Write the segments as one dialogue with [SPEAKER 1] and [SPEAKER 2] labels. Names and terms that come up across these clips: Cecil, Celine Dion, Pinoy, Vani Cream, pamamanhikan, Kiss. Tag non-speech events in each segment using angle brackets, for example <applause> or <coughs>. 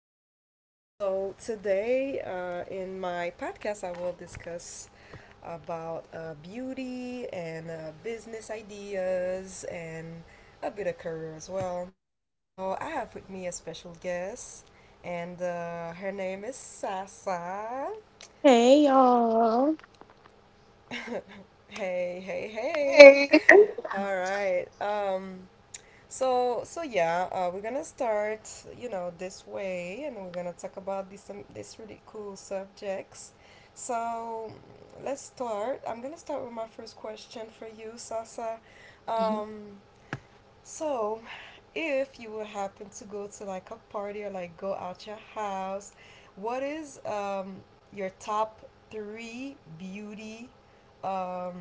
[SPEAKER 1] So today in my podcast, I will discuss about beauty and business ideas and a bit of career as well. So I have with me a special guest, and her name is Sasa.
[SPEAKER 2] Hey y'all.
[SPEAKER 1] Hey, hey, hey.
[SPEAKER 2] Hey.
[SPEAKER 1] All right. So yeah, we're gonna start you know this way, and we're gonna talk about these really cool subjects. So let's start. I'm gonna start with my first question for you, Sasa. Um, so, if you would happen to go to like a party or like go out your house, what is your top three beauty um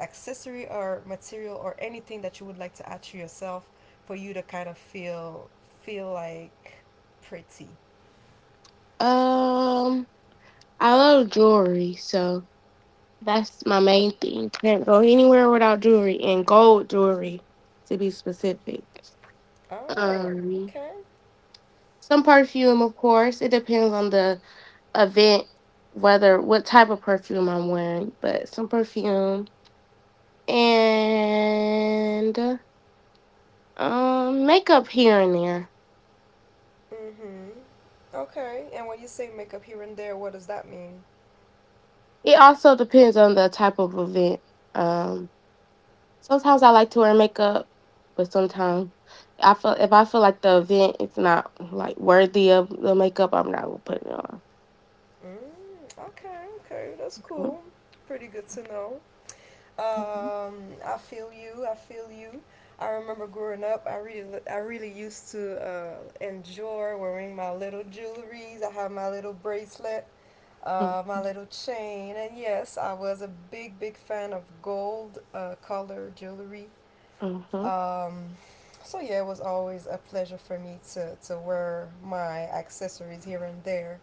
[SPEAKER 1] accessory or material or anything that you would like to add to yourself for you to kind of feel like pretty?
[SPEAKER 2] Um, I love jewelry, so that's my main thing. Can't go anywhere without jewelry and gold jewelry, to be specific.
[SPEAKER 1] Oh,
[SPEAKER 2] Um,
[SPEAKER 1] okay.
[SPEAKER 2] some perfume, of course. It depends on the event, whether what type of perfume I'm wearing, but some perfume and makeup here and there.
[SPEAKER 1] Mhm. Okay. And when you say makeup here and there, what does that mean?
[SPEAKER 2] It also depends on the type of event. Um. Sometimes I like to wear makeup, but sometimes I feel if I feel like the event is not like worthy of the makeup, I'm not gonna put it on.
[SPEAKER 1] Mm, okay, okay, that's cool. Pretty good to know.
[SPEAKER 2] Mhm,
[SPEAKER 1] Um, I feel you. I feel you. I remember growing up, I really used to enjoy wearing my little jewelries. I had my little bracelet,
[SPEAKER 2] mhm,
[SPEAKER 1] my little chain, and yes, I was a big, big fan of gold color jewelry.
[SPEAKER 2] mhm,
[SPEAKER 1] Um, so yeah, it was always a pleasure for me to wear my accessories here and there.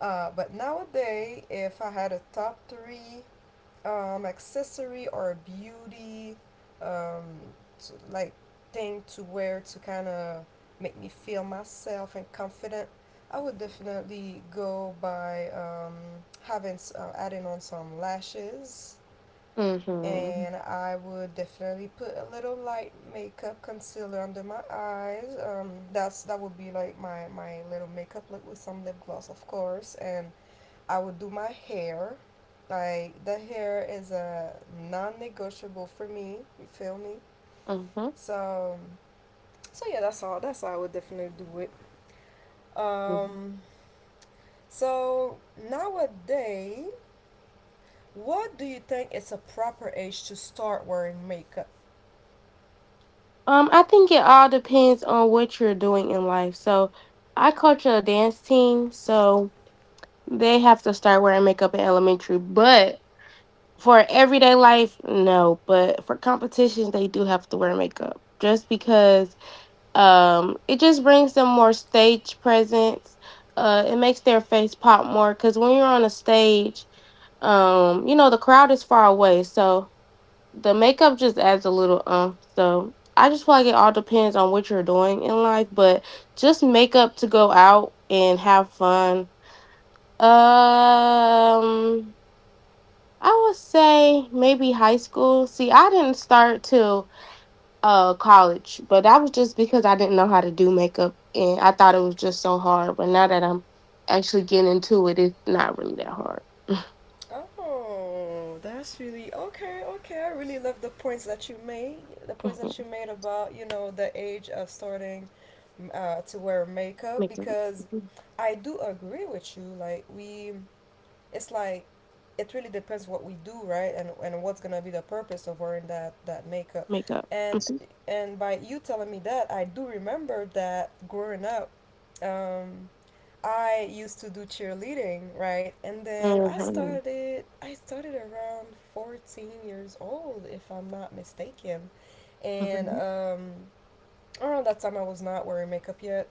[SPEAKER 1] But nowadays, if I had a top three accessory or a beauty um, t like thing to wear to kind of make me feel myself and confident, I would definitely go by having adding on some lashes,
[SPEAKER 2] mhm.
[SPEAKER 1] and I would definitely put a little light makeup concealer under my eyes. That would be like my little makeup look with some lip gloss, of course, and I would do my hair. Like the hair is a non-negotiable for me. You feel me? So, so yeah, that's all. That's how I would definitely do it.
[SPEAKER 2] Mhm.
[SPEAKER 1] Um, so nowadays, what do you think is a proper age to start wearing makeup?
[SPEAKER 2] I think it all depends on what you're doing in life. So, I coach a dance team, so they have to start wearing makeup in elementary. But for everyday life, no. But for competitions, they do have to wear makeup just because it just brings them more stage presence, it makes their face pop more because when you're on a stage, you know the crowd is far away, so the makeup just adds a little. So I just feel like it all depends on what you're doing in life, but just makeup to go out and have fun. um I would say maybe high school. See, I didn't start till college, but that was just because I didn't know how to do makeup and I thought it was just so hard, but now that I'm actually getting into it, it's not really that hard.
[SPEAKER 1] Oh, that's really okay. Okay, I really love the points that you made. The points that you
[SPEAKER 2] Mhm.
[SPEAKER 1] made about you know the age of starting to wear makeup
[SPEAKER 2] Makeup.
[SPEAKER 1] because
[SPEAKER 2] Mhm.
[SPEAKER 1] I do agree with you. It's like it really depends what we do, right? And what's gonna be the purpose of wearing that makeup.
[SPEAKER 2] Makeup.
[SPEAKER 1] And
[SPEAKER 2] Mhm.
[SPEAKER 1] and by you telling me that, I do remember that growing up. Um, I used to do cheerleading, right? And then I
[SPEAKER 2] Mhm.
[SPEAKER 1] started I started around 14 years old if I'm not mistaken. And
[SPEAKER 2] Mhm.
[SPEAKER 1] around that time, I was not wearing makeup yet,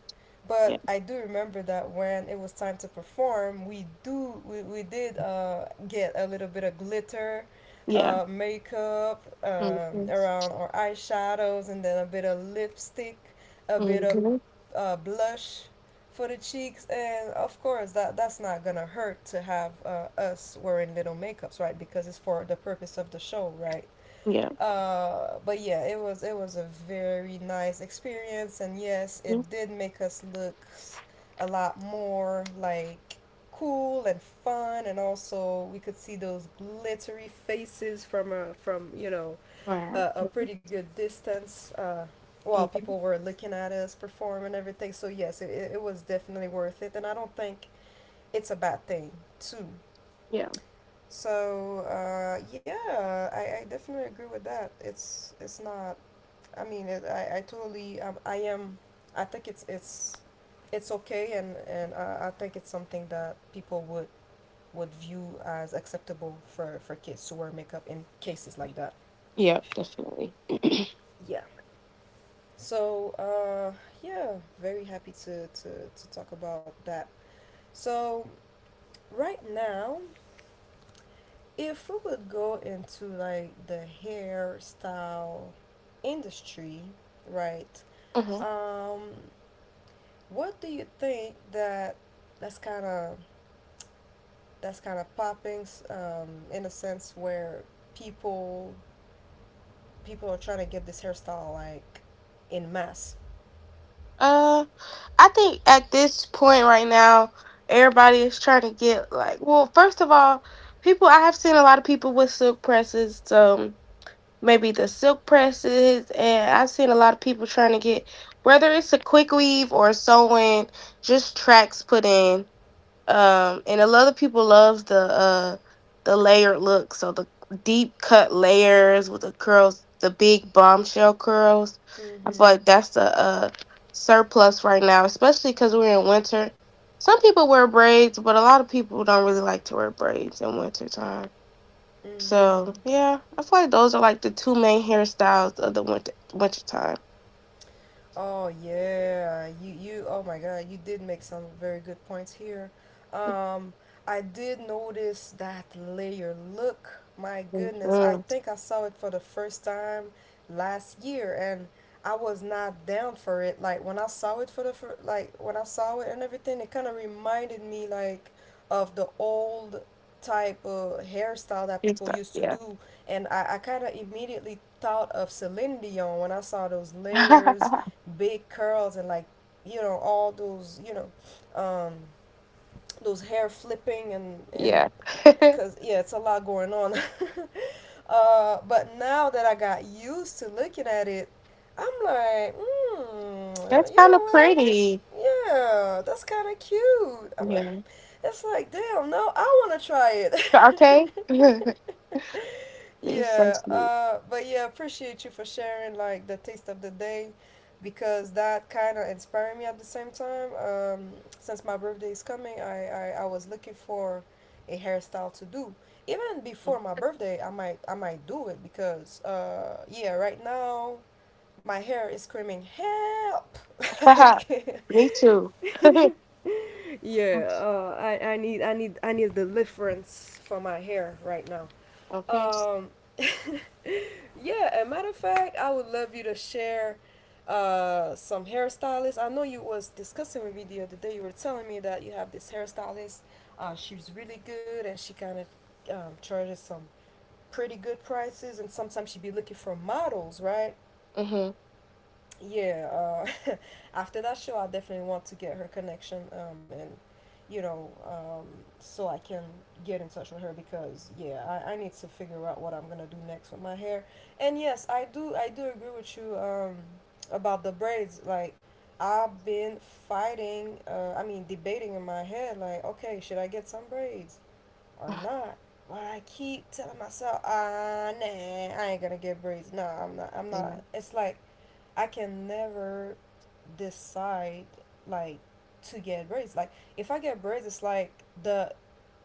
[SPEAKER 1] but
[SPEAKER 2] Yeah,
[SPEAKER 1] I do remember that when it was time to perform, we did get a little bit of glitter,
[SPEAKER 2] yeah.
[SPEAKER 1] makeup
[SPEAKER 2] Mhm.
[SPEAKER 1] around our eyeshadows, and then a bit of lipstick, a bit of
[SPEAKER 2] Mhm.
[SPEAKER 1] blush for the cheeks, and of course that that's not gonna hurt to have us wearing little makeups, right? Because it's for the purpose of the show, right?
[SPEAKER 2] Yeah.
[SPEAKER 1] But yeah, it was a very nice experience, and yes, it
[SPEAKER 2] Mhm.
[SPEAKER 1] did make us look a lot more like cool and fun, and also we could see those glittery faces from a from you know
[SPEAKER 2] All right.
[SPEAKER 1] a pretty good distance. While
[SPEAKER 2] Mhm.
[SPEAKER 1] people were looking at us perform and everything, so yes, it was definitely worth it, and I don't think it's a bad thing too.
[SPEAKER 2] Yeah.
[SPEAKER 1] So yeah, I definitely agree with that. It's not I mean, it, I totally, I am, I think It's okay, and I think it's something that people would view as acceptable for kids to wear makeup in cases like that.
[SPEAKER 2] Yeah, definitely.
[SPEAKER 1] Yeah. So, yeah, very happy to talk about that. So, right now, if we would go into like the hairstyle industry, right?
[SPEAKER 2] Hmm.
[SPEAKER 1] Um, What do you think that that's kind of that's kind of popping in a sense where people people are trying to get this hairstyle like in mass.
[SPEAKER 2] uh I think at this point right now everybody is trying to get, like, well, first of all, people, I have seen a lot of people with silk presses. Maybe the silk presses, and I've seen a lot of people trying to get, whether it's a quick weave or sewing, just tracks put in. And a lot of people love the layered look, so the deep cut layers with the curls, the big bombshell curls. I feel like
[SPEAKER 1] Mm-hmm.
[SPEAKER 2] that's the surplus right now, especially because we're in winter. Some people wear braids, but a lot of people don't really like to wear braids in winter time.
[SPEAKER 1] Mm-hmm.
[SPEAKER 2] So yeah, I feel like those are like the two main hairstyles of the winter time.
[SPEAKER 1] Oh yeah, you oh my god, you did make some very good points here. Um, I did notice that layer. Look, my goodness, I
[SPEAKER 2] Mm.
[SPEAKER 1] think I saw it for the first time last year and I was not down for it. Like when I saw it for the like when I saw it and everything, it kind of reminded me like of the old type of hairstyle that people
[SPEAKER 2] Hairstyle,
[SPEAKER 1] used to
[SPEAKER 2] yeah.
[SPEAKER 1] do and I kind of immediately thought of Celine Dion when I saw those layers,
[SPEAKER 2] <laughs>
[SPEAKER 1] big curls and like you know all those you know um, those hair flipping and
[SPEAKER 2] Yeah. <laughs>
[SPEAKER 1] because yeah it's a lot going on <laughs> but now that I got used to looking at it I'm like
[SPEAKER 2] That's
[SPEAKER 1] you
[SPEAKER 2] kind
[SPEAKER 1] know
[SPEAKER 2] of
[SPEAKER 1] what,
[SPEAKER 2] pretty.
[SPEAKER 1] yeah, that's kind of cute. I mean,
[SPEAKER 2] Yeah.
[SPEAKER 1] it's like, damn, no, I want to try it.
[SPEAKER 2] Okay. <laughs> It's
[SPEAKER 1] <laughs>
[SPEAKER 2] so
[SPEAKER 1] Yeah,
[SPEAKER 2] cute.
[SPEAKER 1] but yeah, appreciate you for sharing like the taste of the day because that kind of inspired me at the same time. Since my birthday is coming, I was looking for a hairstyle to do. Even before my birthday, I might do it because yeah, right now my hair is screaming help <laughs> like
[SPEAKER 2] <laughs> Me too. <laughs>
[SPEAKER 1] <laughs> yeah I need the difference for my hair right now
[SPEAKER 2] Okay.
[SPEAKER 1] um <laughs> yeah, a matter of fact I would love you to share some hairstylists. I know you was discussing with me the other day, you were telling me that you have this hairstylist she's really good and she kind of charges some pretty good prices and sometimes she'd be looking for models, right?
[SPEAKER 2] Mhm.
[SPEAKER 1] Yeah, uh, <laughs> after that show, I definitely want to get her connection, you know, um, so I can get in touch with her because yeah, I need to figure out what I'm gonna do next with my hair. And yes, I do agree with you about the braids. Like I've been fighting, I mean debating in my head, like okay, should I get some braids or not? But I keep telling myself, ah, nah, I ain't gonna get braids. Nah, I'm not. I'm
[SPEAKER 2] Yeah.
[SPEAKER 1] not. It's like I can never decide like to get braids. Like if I get braids, it's like the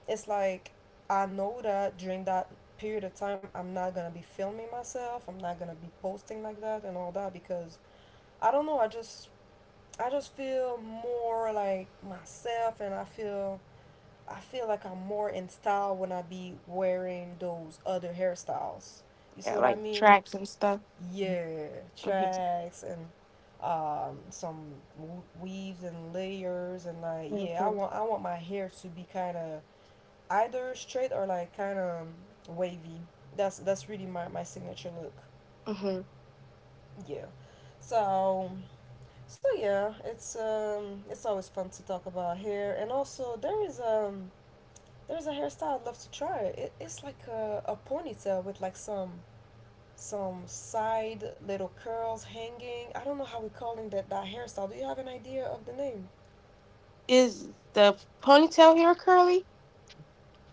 [SPEAKER 1] it's like I know that during that period of time I'm not gonna be filming myself. I'm not gonna be posting like that and all that because I don't know. I just feel more like myself and I feel like I'm more in style when I be wearing those other hairstyles. You see
[SPEAKER 2] Yeah,
[SPEAKER 1] what I
[SPEAKER 2] like
[SPEAKER 1] mean?
[SPEAKER 2] tracks and stuff.
[SPEAKER 1] Yeah,
[SPEAKER 2] Mhm.
[SPEAKER 1] tracks and some weaves and layers and like yeah, I
[SPEAKER 2] Mhm.
[SPEAKER 1] want I want my hair to be kind of either straight or like kind of wavy. That's really my, my signature look.
[SPEAKER 2] Mhm.
[SPEAKER 1] Yeah. So so yeah, it's always fun to talk about hair and also there's a hairstyle I'd love to try. It's like a ponytail with like some side little curls hanging. I don't know how we're calling that hairstyle. Do you have an idea of the name?
[SPEAKER 2] Is the ponytail hair curly?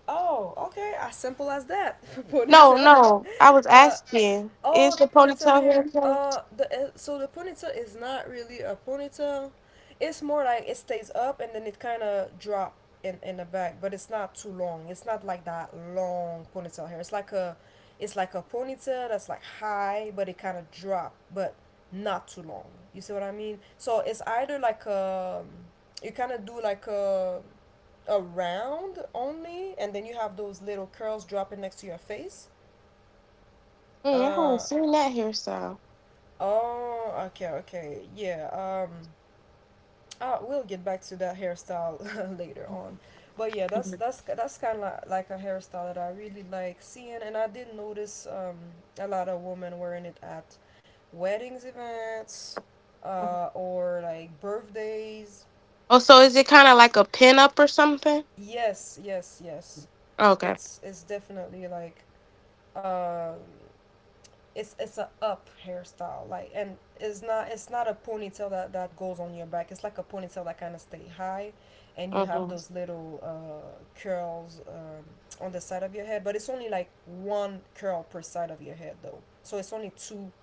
[SPEAKER 1] Oh, okay, as simple as that. <laughs>
[SPEAKER 2] No,
[SPEAKER 1] Ponytail.
[SPEAKER 2] no. I was
[SPEAKER 1] Uh,
[SPEAKER 2] asking.
[SPEAKER 1] Oh,
[SPEAKER 2] Is the
[SPEAKER 1] the ponytail
[SPEAKER 2] ponytail hair
[SPEAKER 1] hair.
[SPEAKER 2] curly?
[SPEAKER 1] The so the ponytail is not really a ponytail. It's more like it stays up and then it kind of drop in the back, but it's not too long. It's not like that long ponytail hair. It's like a ponytail that's like high, but it kind of drop, but not too long. You see what I mean? So it's either you kind of do like a round only, and then you have those little curls dropping next to your face.
[SPEAKER 2] Mm, I haven't
[SPEAKER 1] Uh,
[SPEAKER 2] seen that hairstyle.
[SPEAKER 1] Oh, okay, okay. Yeah, um we'll get back to that hairstyle <laughs> later on. But yeah, that's
[SPEAKER 2] Hmm.
[SPEAKER 1] that's that's kind of like a hairstyle that I really like seeing and I did notice a lot of women wearing it at weddings events
[SPEAKER 2] Hmm.
[SPEAKER 1] or like birthdays.
[SPEAKER 2] Oh, so is it kind of like a pin up or something?
[SPEAKER 1] Yes, yes, yes.
[SPEAKER 2] Okay.
[SPEAKER 1] It's definitely like um it's a up hairstyle like and it's not, it's not a ponytail that that goes on your back, it's like a ponytail that kind of stay high and you have
[SPEAKER 2] Hmm.
[SPEAKER 1] those little curls on the side of your head but it's only like one curl per side of your head though, so it's only two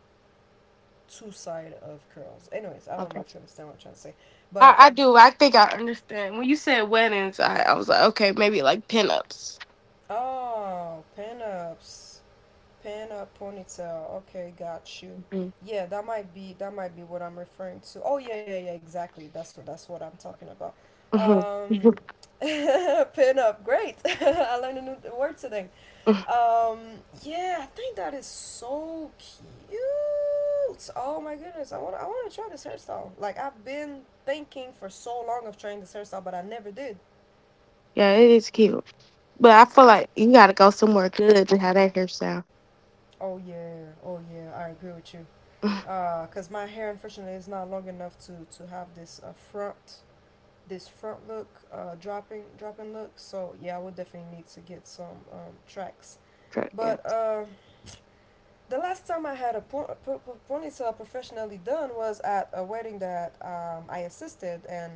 [SPEAKER 1] two side of curls. Anyways, I don't know
[SPEAKER 2] Okay.
[SPEAKER 1] if you understand what I'm trying to say
[SPEAKER 2] I,
[SPEAKER 1] but
[SPEAKER 2] I do. I think I understand. When you said weddings, I was like, okay, maybe like pin ups.
[SPEAKER 1] oh, pin ups. Pen up ponytail. Okay, got you.
[SPEAKER 2] Hmm.
[SPEAKER 1] Yeah, that might be what I'm referring to. Oh yeah, yeah, yeah, exactly. That's what I'm talking about.
[SPEAKER 2] Hmm.
[SPEAKER 1] Um, <laughs> Pin up. Great. <laughs> I learned a new word today.
[SPEAKER 2] <laughs>
[SPEAKER 1] Um, yeah, I think that is so cute. Oh my goodness, I want to try this hairstyle. Like I've been thinking for so long of trying this hairstyle, but I never did.
[SPEAKER 2] Yeah, it is cute. But I feel like you got to go somewhere good to have that hairstyle.
[SPEAKER 1] Oh yeah, oh yeah, I agree with you. Because my hair unfortunately is not long enough to have this front this front look, dropping look. So yeah, I would definitely need to get some tracks.
[SPEAKER 2] Try- Yeah.
[SPEAKER 1] But the last time I had a ponytail professionally done was at a wedding that I assisted, and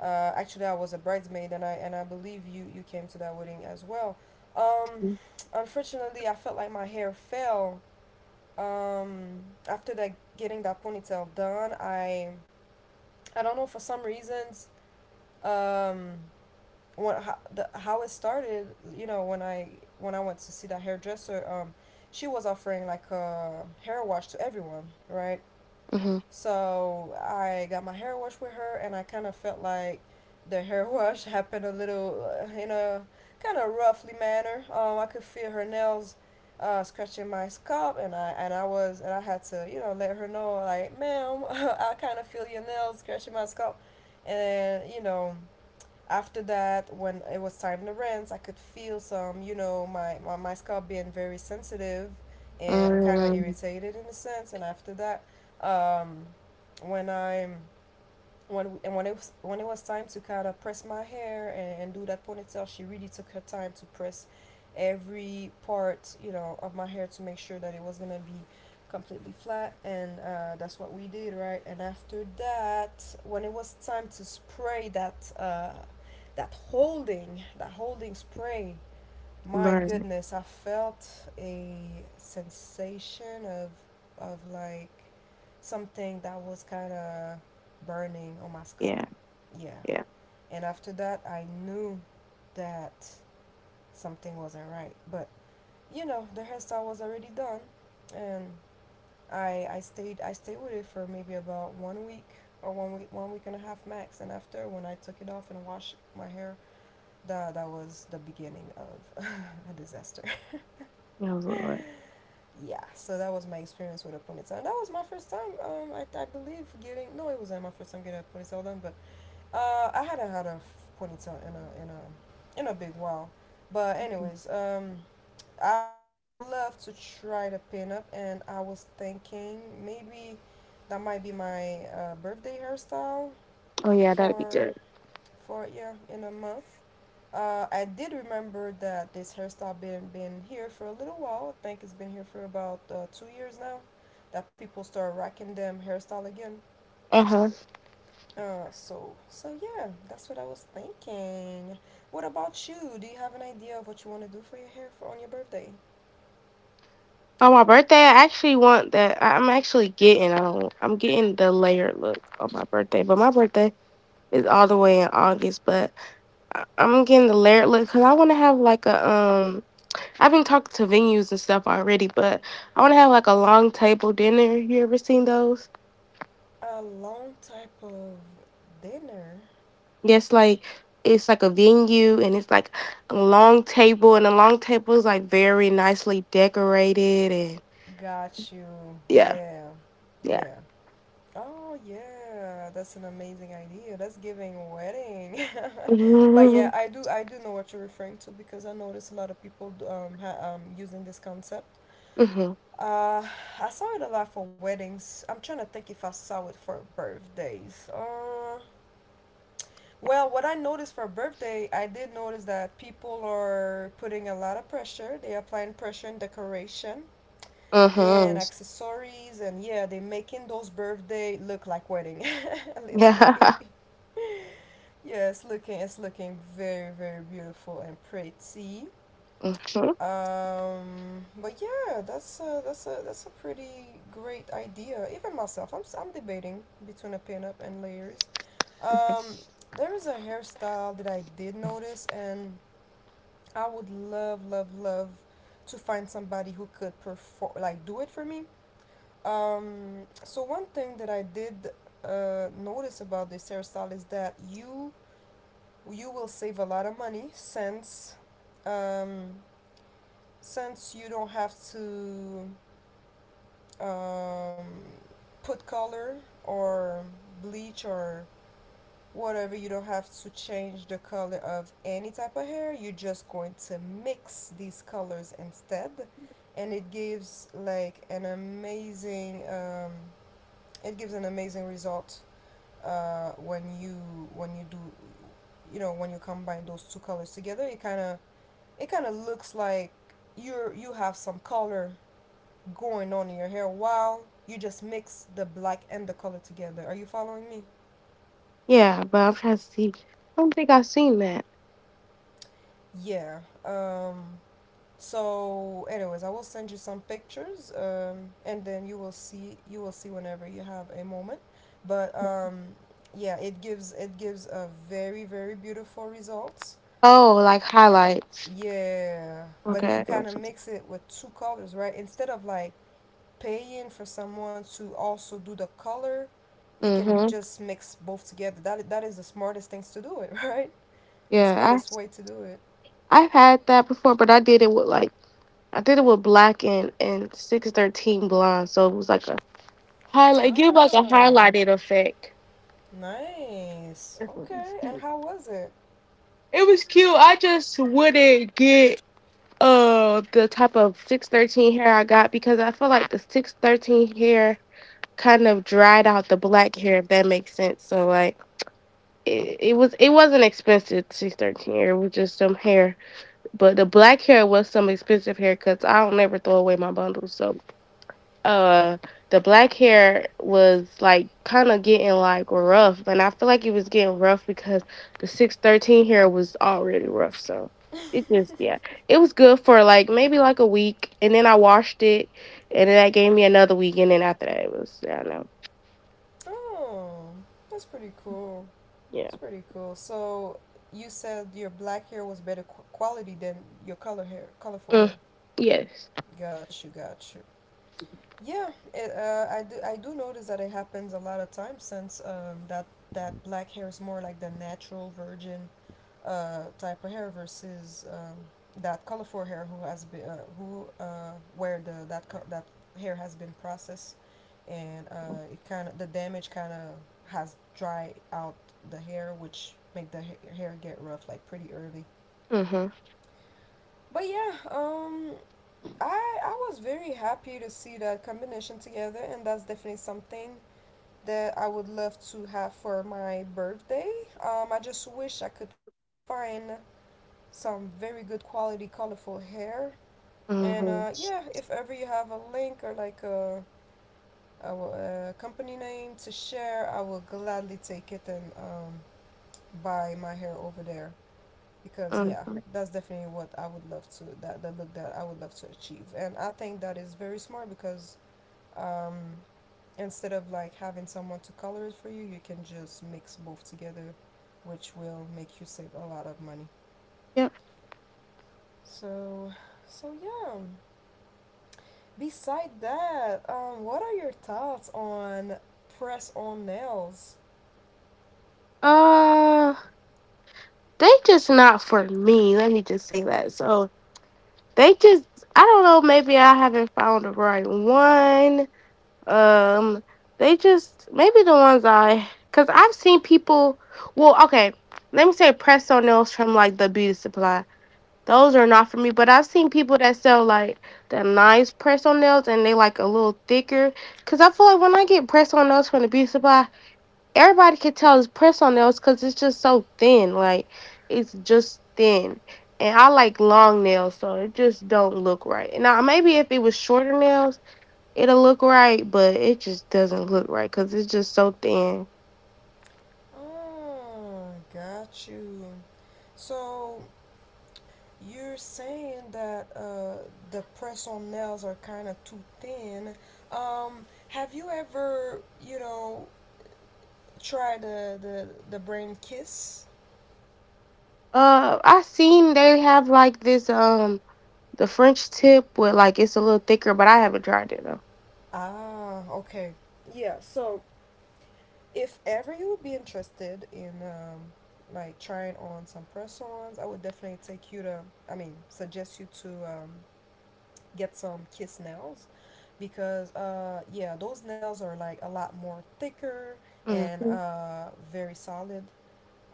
[SPEAKER 1] actually I was a bridesmaid, and I believe you came to that wedding as well. um, unfortunately, I felt like my hair fell um, after that getting that ponytail done. I don't know for some reasons. um how it started, you know. When I when I went to see that hairdresser, she was offering like a hair wash to everyone, right?
[SPEAKER 2] Mm-hmm.
[SPEAKER 1] So I got my hair washed with her, and I kind of felt like the hair <laughs> wash happened a little in a kind of roughly manner. I could feel her nails scratching my scalp, and I was and I had to, you know, let her know like, "Ma'am, <laughs> I kind of feel your nails scratching my scalp," and you know, after that, when it was time to rinse, I could feel some, you know, my scalp being very sensitive and kind of
[SPEAKER 2] Um,
[SPEAKER 1] irritated, in a sense. And after that, um when i'm when it was time to kind of press my hair and do that ponytail, she really took her time to press every part, you know, of my hair to make sure that it was gonna be completely flat. And that's what we did, right? And after that, when it was time to spray that, that holding spray, my
[SPEAKER 2] burn.
[SPEAKER 1] goodness, I felt a sensation of, like, something that was kind of burning on my scalp.
[SPEAKER 2] Yeah.
[SPEAKER 1] Yeah.
[SPEAKER 2] Yeah.
[SPEAKER 1] And after that, I knew that something wasn't right. But you know, the hairstyle was already done, and I stayed, I stayed with it for maybe about 1 week or 1 week and a half max. And after, when I took it off and washed my hair, that was the beginning of <laughs> a disaster.
[SPEAKER 2] Oh, Lord.
[SPEAKER 1] Yeah. So that was my experience with a ponytail, and that was my first time. I believe getting— no, it wasn't my first time getting a ponytail done. But I hadn't had a ponytail in a in a big while. But anyways, I would love to try the pinup, and I was thinking maybe that might be my birthday hairstyle
[SPEAKER 2] Oh, yeah, that'd be
[SPEAKER 1] for
[SPEAKER 2] good.
[SPEAKER 1] yeah, in a month. I did remember that this hairstyle been here for a little while. I think it's been here for about 2 years now. That people start rocking them hairstyle again.
[SPEAKER 2] Uh-huh.
[SPEAKER 1] So, so yeah, that's what I was thinking. What about you? Do you have an idea of what you want to do for your hair for on your birthday?
[SPEAKER 2] On my birthday, I actually want that. I'm actually getting. I don't. I'm getting the layered look on my birthday, but my birthday is all the way in August. But I'm getting the layered look because I want to have like a I've been talking to venues and stuff already, but I want to have like a long table dinner. You ever seen those?
[SPEAKER 1] A long type of dinner.
[SPEAKER 2] Yes, like it's like a venue and it's like a long table, and the long table is like very nicely decorated and
[SPEAKER 1] Got you.
[SPEAKER 2] yeah,
[SPEAKER 1] Yeah,
[SPEAKER 2] yeah.
[SPEAKER 1] yeah. Oh yeah, that's an amazing idea. That's giving wedding. <laughs> But
[SPEAKER 2] <laughs>
[SPEAKER 1] yeah,
[SPEAKER 2] Mm-hmm.
[SPEAKER 1] I do know what you're referring to, because I notice a lot of people using this concept.
[SPEAKER 2] Mm-hmm.
[SPEAKER 1] Uh, I saw it a lot for weddings. I'm trying to think if I saw it for birthdays. Well, what I noticed for birthday, I did notice that people are putting a lot of pressure. They're applying pressure in decoration and accessories, and yeah, they're making those birthday look like wedding, <laughs>
[SPEAKER 2] <laughs>
[SPEAKER 1] literally.
[SPEAKER 2] Yeah.
[SPEAKER 1] Yeah, it's looking, it's looking very, very beautiful and pretty.
[SPEAKER 2] Mhm.
[SPEAKER 1] But yeah, that's a— that's a pretty great idea. Even myself, I'm I'm debating between a pinup and layers. Um, there is a hairstyle that I did notice, and I would love to find somebody who could perform, like, do it for me. So one thing that I did notice about this hairstyle is that you will save a lot of money um, since you don't have to um, put color or bleach or whatever. You don't have to change the color of any type of hair. You're just going to mix these colors instead, and it gives like an amazing— it gives an amazing result uh, when you when you do you know, when you combine those two colors together, it kind of, it kind of looks like you're— you have some color going on in your hair while you just mix the black and the color together. Are you following me?
[SPEAKER 2] Yeah, but I'm trying to see. I don't think I've seen that.
[SPEAKER 1] Yeah. So anyways, I will send you some pictures, and then you will see whenever you have a moment. But yeah, it gives, it gives a very, very beautiful results.
[SPEAKER 2] Oh, like highlights.
[SPEAKER 1] Yeah, but you
[SPEAKER 2] Okay.
[SPEAKER 1] kind of mix it with two colors, right? Instead of like paying for someone to also do the color, you can
[SPEAKER 2] Mhm.
[SPEAKER 1] just mix both together. That is the smartest things to do it, <laughs> right? The
[SPEAKER 2] Yeah,
[SPEAKER 1] smartest way to do it.
[SPEAKER 2] I've had that before, but I did it with like I did it with black and 613 blonde, so it was like a highlight. Give like a
[SPEAKER 1] Oh,
[SPEAKER 2] highlighted effect.
[SPEAKER 1] nice. Okay, and
[SPEAKER 2] It
[SPEAKER 1] how was it?
[SPEAKER 2] was cute. I just wouldn't get the type of 613 hair I got because I feel like the 613 hair kind of dried out the black hair, if that makes sense. So like it was it wasn't expensive 613 hair. It was just some hair, but the black hair was some expensive haircuts. I don't never throw away my bundles, so uh, the black hair was like kind of getting like rough, and I feel like it was getting rough because the 613 hair was already rough. So it just yeah, it was good for like maybe like a week, and then I washed it, and then that gave me another week, and then after that it was yeah, I don't know.
[SPEAKER 1] Oh, that's pretty cool. That's
[SPEAKER 2] Yeah.
[SPEAKER 1] pretty cool. So you said your black hair was better quality than your color hair, colorful
[SPEAKER 2] Mm,
[SPEAKER 1] hair.
[SPEAKER 2] yes.
[SPEAKER 1] Got you, got you. Yeah, it— I do notice that it happens a lot of times, since that black hair is more like the natural virgin type of hair, versus that colorful hair who has been, who where the that that hair has been processed, and it kind of— the damage kind of has dry out the hair, which make the hair get rough like pretty early.
[SPEAKER 2] Mhm.
[SPEAKER 1] But yeah, I was very happy to see that combination together, and that's definitely something that I would love to have for my birthday. Um, I just wish I could find some very good quality colorful hair. And
[SPEAKER 2] Mhm.
[SPEAKER 1] yeah, if ever you have a link or like a, company name to share, I will gladly take it, and buy my hair over there, because yeah,
[SPEAKER 2] Mhm.
[SPEAKER 1] that's definitely what I would love to— that the look that I would love to achieve. And I think that is very smart, because um, instead of like having someone to color it for you, you can just mix both together, which will make you save a lot of money. So, so yeah. Beside that, what are your thoughts on press on nails?
[SPEAKER 2] Uh, they just not for me. Let me just say that. So they just, I don't know. Maybe I haven't found the right one. Um, they just maybe the ones I, cause I've seen people. Well, okay, let me say press on nails from like the beauty supply. Those are not for me. But I've seen people that sell like the nice press on nails and they like a little thicker. Cause I feel like when I get press on nails from the beauty supply everybody can tell it's pressed on nails because it's just so thin. Like it's just thin. And I like long nails, so it just don't look right. Now maybe if it was shorter nails, it'll look right, but it just doesn't look right because it's just so thin.
[SPEAKER 1] Oh, got you. So you're saying that the press on nails are kind of too thin. Have you ever, you know, tried the brand Kiss?
[SPEAKER 2] I seen they have like this the French tip with like it's a little thicker, but I haven't tried it though.
[SPEAKER 1] Ah, okay. Yeah, so if ever you would be interested in like trying on some press-ons, I would definitely take you to— I mean, suggest you to get some Kiss nails, because yeah, those nails are like a lot more thicker and
[SPEAKER 2] Mm-hmm.
[SPEAKER 1] very solid.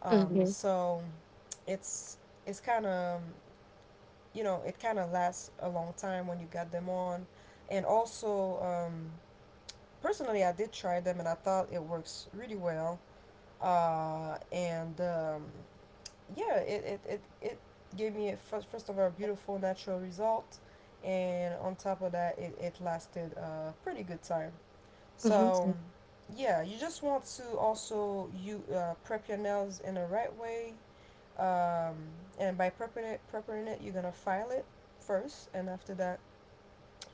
[SPEAKER 2] Mm-hmm.
[SPEAKER 1] So it's, kind of, you know, it kind of lasts a long time when you got them on. And also personally, I did try them, and I thought it works really well. Uh, and yeah, it gave me a first, of all, a beautiful natural result. And on top of that, it lasted a pretty good time. So
[SPEAKER 2] Mm-hmm.
[SPEAKER 1] yeah, you just want to also— you prep your nails in the right way, um, and by prepping it, you're gonna file it first. And after that,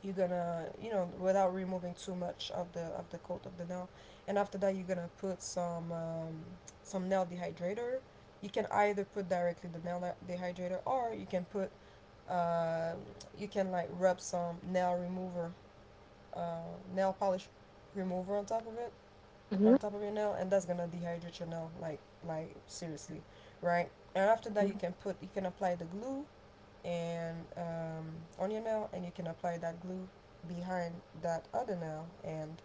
[SPEAKER 1] you're gonna, you know, without removing too much of the coat of the nail. And after that, you're gonna put some nail dehydrator. You can either put directly the nail dehydrator, or you can put uh, you can like rub some nail remover, uh, nail polish remover on top of it,
[SPEAKER 2] Mm-hmm.
[SPEAKER 1] on top of your nail, and that's gonna dehydrate your nail, like seriously, right? And after that, you can put— you can apply the glue and on your nail, and you can apply that glue behind that other nail, and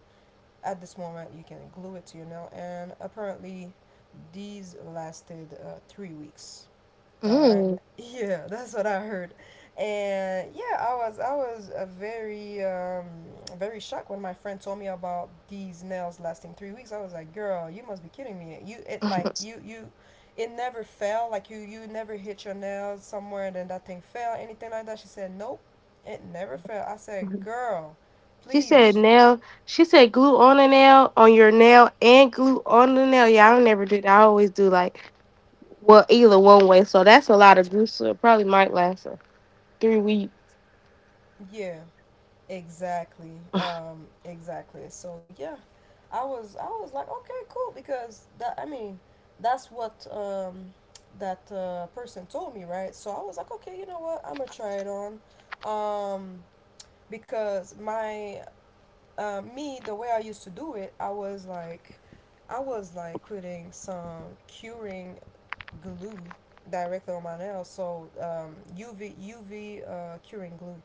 [SPEAKER 1] at this moment you can glue it to your nail. And apparently these lasted 3 weeks, all right?
[SPEAKER 2] Mm-hmm.
[SPEAKER 1] Yeah, that's what I heard. And yeah, I was very very shocked when my friend told me about these nails lasting 3 weeks. I was like, "Girl, you must be kidding me! You— it, like, you, it never fell. Like you never hit your nails somewhere and then that thing fell. Anything like that?" She said, "Nope, it never fell." I said,
[SPEAKER 2] Mm-hmm.
[SPEAKER 1] "Girl,
[SPEAKER 2] She said
[SPEAKER 1] please,
[SPEAKER 2] nail. She said glue on a nail on your nail and glue on the nail. Yeah, I don't never do that. I always do like well either one way. So that's a lot of glue. So it probably might last 3 weeks.
[SPEAKER 1] yeah." Exactly. Exactly. So yeah, I was like, okay, cool, because that's what that person told me, right? So I was like, okay, you know what, I'm gonna try it on, um, because my me, the way I used to do it, I was like putting some curing glue directly on my nails. So UV curing glue.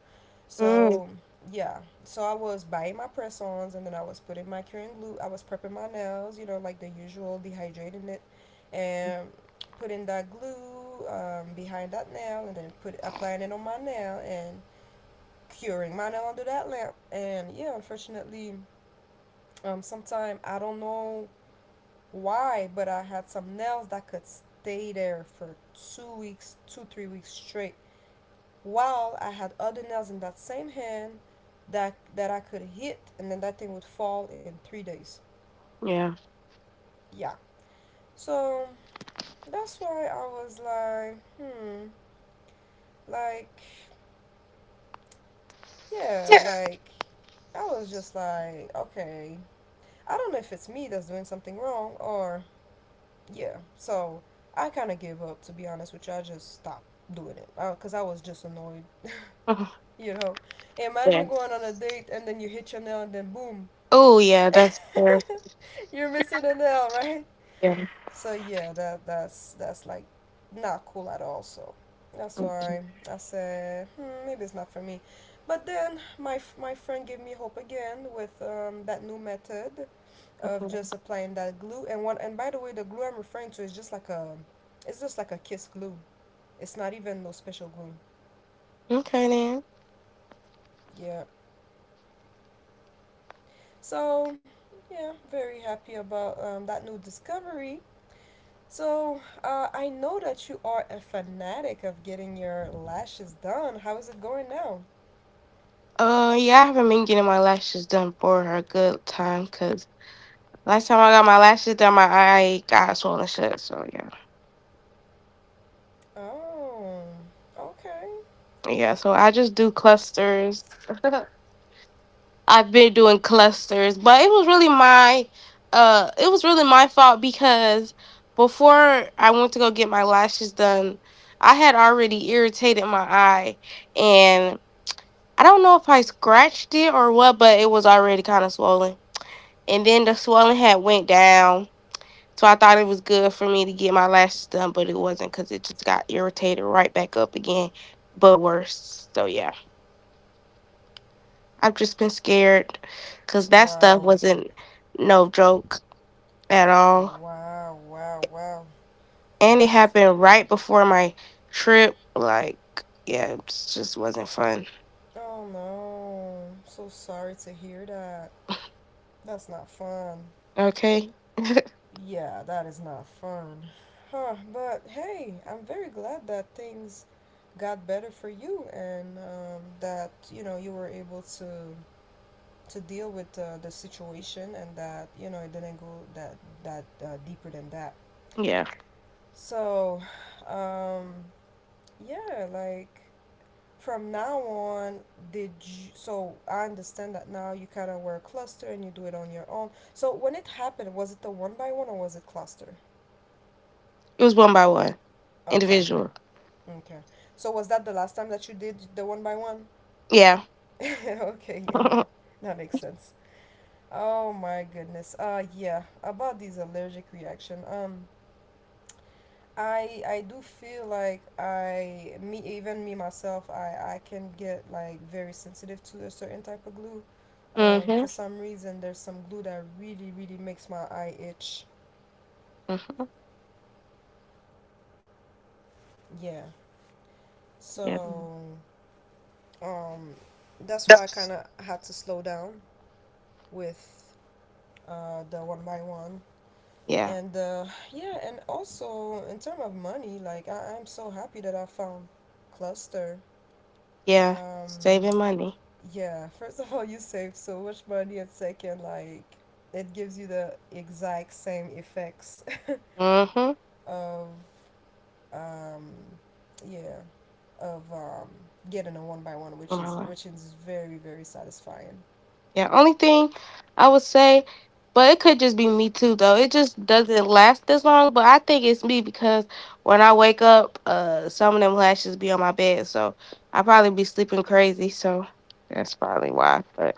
[SPEAKER 2] Mm,
[SPEAKER 1] So yeah, so I was buying my press ons and then I was putting my curing glue. I was prepping my nails, you know, like the usual, dehydrating it, and putting that glue behind that nail and then put applying it on my nail and curing my nail under that lamp. And yeah, unfortunately, sometime I don't know why. But I had some nails that could stay there for 2 weeks, two, 3 weeks straight. While I had other nails in that same hand that I could hit and then that thing would fall in 3 days.
[SPEAKER 2] yeah.
[SPEAKER 1] Yeah. So that's why I was like, hmm, like, yeah, like, I was just like, okay, I don't know if it's me that's doing something wrong, or yeah, so I kind of gave up, to be honest with you. I just stopped doing it because I was just annoyed.
[SPEAKER 2] Oh,
[SPEAKER 1] <laughs> you know,
[SPEAKER 2] yeah.
[SPEAKER 1] Imagine going on a date and then you hit your nail and then boom,
[SPEAKER 2] Oh yeah.
[SPEAKER 1] <laughs>
[SPEAKER 2] That's fair.
[SPEAKER 1] you're missing a nail, right?
[SPEAKER 2] Yeah.
[SPEAKER 1] So yeah, that's like not cool at all. So that's
[SPEAKER 2] Mm,
[SPEAKER 1] why I said hmm, maybe it's not for me. But then my friend gave me hope again with that new method of
[SPEAKER 2] okay.
[SPEAKER 1] just applying that glue. And one, and by the way, the glue I'm referring to is just like a, it's just like a Kiss glue. It's not even no special glue.
[SPEAKER 2] Okay then.
[SPEAKER 1] Yeah, so yeah, very happy about that new discovery. So I know that you are a fanatic of getting your lashes done. How is it going now?
[SPEAKER 2] Yeah, I haven't been getting my lashes done for a good time because last time I got my lashes done, my eye got swollen shut. So yeah,
[SPEAKER 1] Oh, okay.
[SPEAKER 2] yeah. So I just do clusters. <laughs> I've been doing clusters, but it was really my it was really my fault because before I went to go get my lashes done, I had already irritated my eye and I don't know if I scratched it or what, but it was already kind of swollen. And then the swelling had went down. So I thought it was good for me to get my lashes done, but it wasn't cuz it just got irritated right back up again, but worse. So yeah. I've just been scared because that stuff
[SPEAKER 1] Wow,
[SPEAKER 2] wasn't no joke at all.
[SPEAKER 1] wow, wow, wow.
[SPEAKER 2] And it
[SPEAKER 1] That's,
[SPEAKER 2] happened right before my trip. Like, yeah, it just wasn't fun.
[SPEAKER 1] oh no, I'm so sorry to hear that. That's not fun.
[SPEAKER 2] Okay?
[SPEAKER 1] Yeah, that is not fun. Huh, but hey, I'm very glad that things got better for you and that, you know, you were able to deal with the situation, and that, you know, it didn't go that that deeper than that.
[SPEAKER 2] Yeah.
[SPEAKER 1] So, um, yeah, like from now on, did you, so I understand that now you kind of wear a cluster and you do it on your own. So when it happened, was it the one by one or was it cluster?
[SPEAKER 2] It was one by one,
[SPEAKER 1] Okay.
[SPEAKER 2] individual.
[SPEAKER 1] Okay. So was that the last time that you did the one by one?
[SPEAKER 2] Yeah.
[SPEAKER 1] <laughs> Okay,
[SPEAKER 2] <laughs>
[SPEAKER 1] yeah.
[SPEAKER 2] Mm-hmm.
[SPEAKER 1] That makes sense. Oh my goodness. Uh, yeah, about these allergic reaction. I do feel like I me even me myself, I can get like very sensitive to a certain type of glue. Um, for
[SPEAKER 2] Hmm.
[SPEAKER 1] some reason there's some glue that really, really makes my eye itch.
[SPEAKER 2] Mm hmm.
[SPEAKER 1] Yeah.
[SPEAKER 2] Yeah.
[SPEAKER 1] So um that's why I kind
[SPEAKER 2] That's-
[SPEAKER 1] of had to slow down with the one by one,
[SPEAKER 2] Yeah.
[SPEAKER 1] and yeah, and also in terms of money, like I- I'm so happy that I found cluster.
[SPEAKER 2] Yeah.
[SPEAKER 1] um,
[SPEAKER 2] Saving money.
[SPEAKER 1] yeah. <laughs> First of all, you save so much money, and second, like it gives you the exact same effects <laughs>
[SPEAKER 2] Mm-hmm.
[SPEAKER 1] of um, yeah, of getting a one by one, which is very, very satisfying.
[SPEAKER 2] Yeah, only thing I would say, but it could just be me too though. It just doesn't last as long, but I think it's me because when I wake up, some of them lashes be on my bed, so I probably be sleeping crazy, so that's probably why. But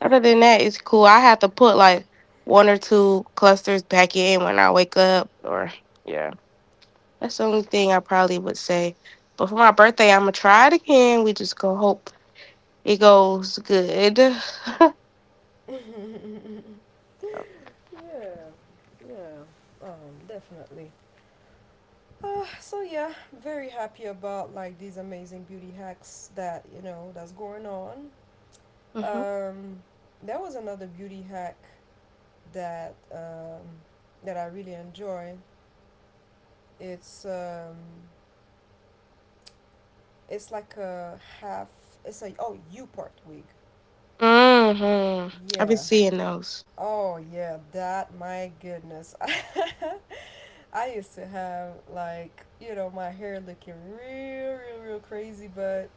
[SPEAKER 2] other than that, it's cool. I have to put like one or two clusters back in when I wake up or yeah. That's the only thing I probably would say. But for my birthday, I'm gonna try it again. We just gonna hope it goes good. <sighs>
[SPEAKER 1] Definitely. So yeah, very happy about like these amazing beauty hacks that, you know, that's going on.
[SPEAKER 2] Hmm.
[SPEAKER 1] Um, there was another beauty hack that that I really enjoy. It's um, it's like a half. It's a, oh, U part wig.
[SPEAKER 2] Mhm. I've been
[SPEAKER 1] Yeah.
[SPEAKER 2] seeing those.
[SPEAKER 1] Oh yeah, that, my goodness. <laughs> I used to have like, you know, my hair looking real, real, real crazy, but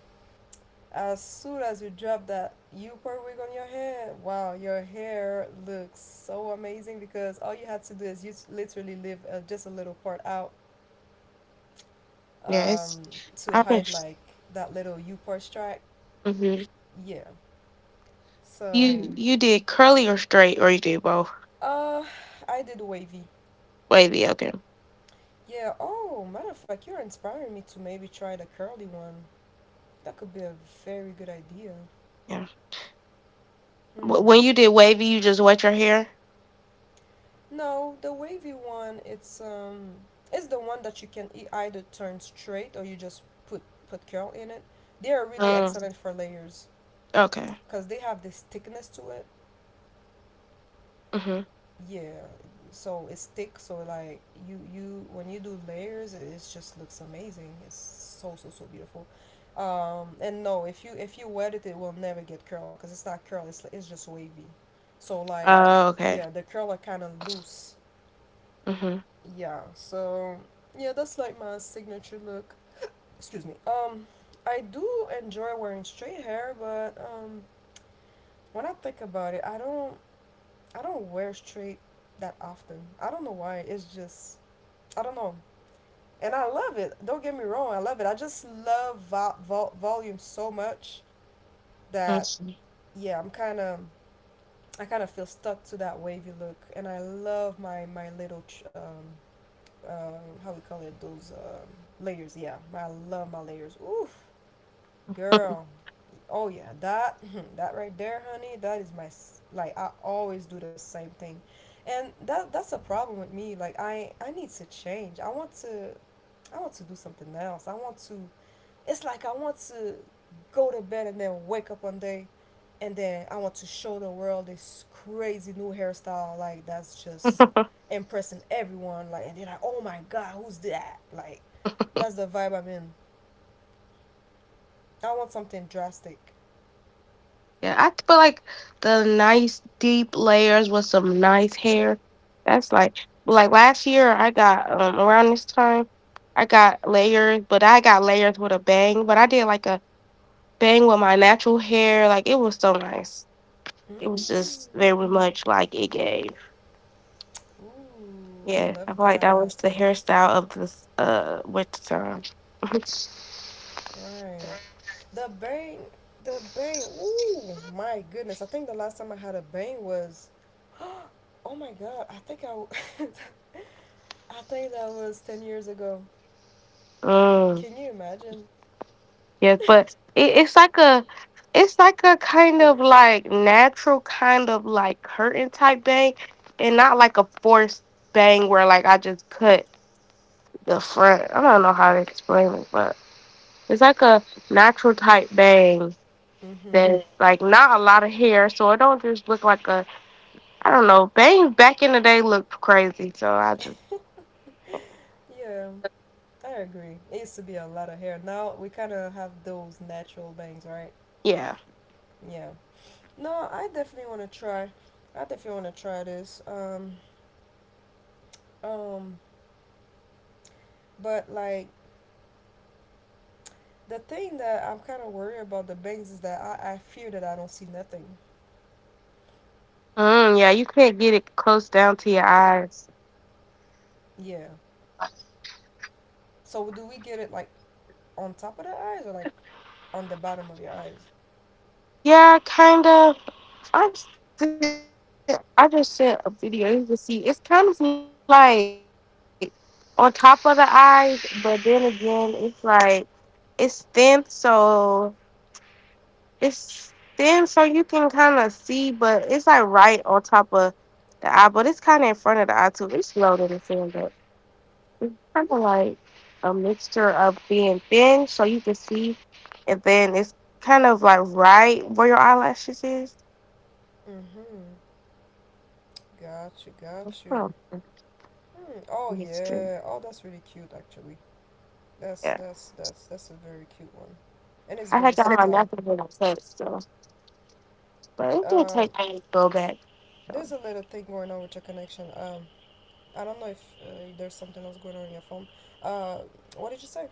[SPEAKER 1] as soon as you drop that U part wig on your head, wow, your hair looks so amazing, because all you had to do is you literally leave just a little part out
[SPEAKER 2] Yes.
[SPEAKER 1] um, to
[SPEAKER 2] I've been
[SPEAKER 1] hide like that little U part strike.
[SPEAKER 2] hmm.
[SPEAKER 1] Yeah. So,
[SPEAKER 2] You did curly or straight or you did both?
[SPEAKER 1] uh, I did wavy.
[SPEAKER 2] Wavy, okay.
[SPEAKER 1] Yeah. Oh, matter of fact, you're inspiring me to maybe try the curly one. That could be a very good idea.
[SPEAKER 2] Yeah. Wh-
[SPEAKER 1] Hmm.
[SPEAKER 2] When you did wavy, you just wet your hair?
[SPEAKER 1] No, the wavy one, it's the one that you can either turn straight or you just put curl in it. They are really
[SPEAKER 2] Mm,
[SPEAKER 1] excellent for layers
[SPEAKER 2] okay.
[SPEAKER 1] because they have this thickness to it.
[SPEAKER 2] Mhm.
[SPEAKER 1] Yeah, so it's thick. So like you when you do layers, it just looks amazing. It's so, so, so beautiful. And no, if you, if you wet it, it will never get curl because it's not curl. It's just wavy. So like
[SPEAKER 2] Oh, okay.
[SPEAKER 1] yeah, the curl are kind of loose.
[SPEAKER 2] Mhm.
[SPEAKER 1] Yeah, so yeah, that's like my signature look. <gasps> Excuse me. Um, I do enjoy wearing straight hair, but when I think about it, I don't wear straight that often. I don't know why. It's just I don't know. And I love it, don't get me wrong, I love it, I just love volume so much that
[SPEAKER 2] See.
[SPEAKER 1] yeah, I kind of feel stuck to that wavy look. And I love my little uh, how we call it, those layers. Yeah, I love my layers. Oof, girl. Oh yeah, that <clears throat> that right there, honey. That is my like, I always do the same thing, and that's a problem with me. Like I need to change. I want to do something else. I want to, it's like I want to go to bed and then wake up one day, and then I want to show the world this crazy new hairstyle, like that's just
[SPEAKER 2] <laughs>
[SPEAKER 1] impressing everyone, like and they're like, oh my god, who's that, like that's the vibe I'm in. I want something drastic.
[SPEAKER 2] Yeah, I feel like the nice deep layers with some nice hair. That's like last year I got around this time I got layers, but I got layers with a bang. But I did like a bang with my natural hair. Like it was so nice. It was
[SPEAKER 1] Mm.
[SPEAKER 2] just very much like it gave.
[SPEAKER 1] Ooh, I
[SPEAKER 2] Yeah,
[SPEAKER 1] love
[SPEAKER 2] I feel like that
[SPEAKER 1] that.
[SPEAKER 2] was the hairstyle of this winter time. <laughs>
[SPEAKER 1] Right, the bang, the bang. Ooh, my goodness, I think the last time I had a bang was, <gasps> oh my god, I think I <laughs> I think that was 10 years ago.
[SPEAKER 2] Mm,
[SPEAKER 1] Can you imagine?
[SPEAKER 2] yes, but it's like a it's like a kind of like natural kind of like curtain type bang and not like a forced bang where like I just cut the front. I don't know how to explain it, but it's like a natural type bang
[SPEAKER 1] Mm-hmm.
[SPEAKER 2] that's like not a lot of hair, so it don't just look like a I don't know. Bangs back in the day looked crazy, so I just
[SPEAKER 1] Yeah, I agree. It used to be a lot of hair. Now we kind of have those natural bangs, right?
[SPEAKER 2] yeah.
[SPEAKER 1] Yeah. No, I definitely want to try. I definitely want to try this. Um, but like the thing that I'm kind of worried about the bangs is that I fear that I don't see nothing.
[SPEAKER 2] Mm, yeah, you can't get it close down to your eyes.
[SPEAKER 1] Yeah. So do we get it like on top of the eyes or like on the bottom of your eyes?
[SPEAKER 2] Yeah, kind of. I still, I just sent a video. You can see it's kind of like on top of the eyes, but then again, it's like it's thin, so it's thin, so you can kind of see, but it's like right on top of the eye, but it's kind of in front of the eye too. It's loaded and filled it's kind of like a mixture of being thin so you can see, and then it's kind of like right where your eyelashes is.
[SPEAKER 1] Mm-hmm. Got you. Got
[SPEAKER 2] It's
[SPEAKER 1] you.
[SPEAKER 2] kind of
[SPEAKER 1] Mm, oh
[SPEAKER 2] a
[SPEAKER 1] yeah. Oh,
[SPEAKER 2] mixture.
[SPEAKER 1] that's really cute actually. That's that's
[SPEAKER 2] Yeah,
[SPEAKER 1] that's that's a very cute one, and it's very
[SPEAKER 2] I had
[SPEAKER 1] subtle.
[SPEAKER 2] got my nothing when I touched, so but
[SPEAKER 1] Um,
[SPEAKER 2] it did take me to go back.
[SPEAKER 1] there's a little
[SPEAKER 2] So
[SPEAKER 1] thing going on with your connection. I don't know if there's something else going on in your phone. Uh, what did you say?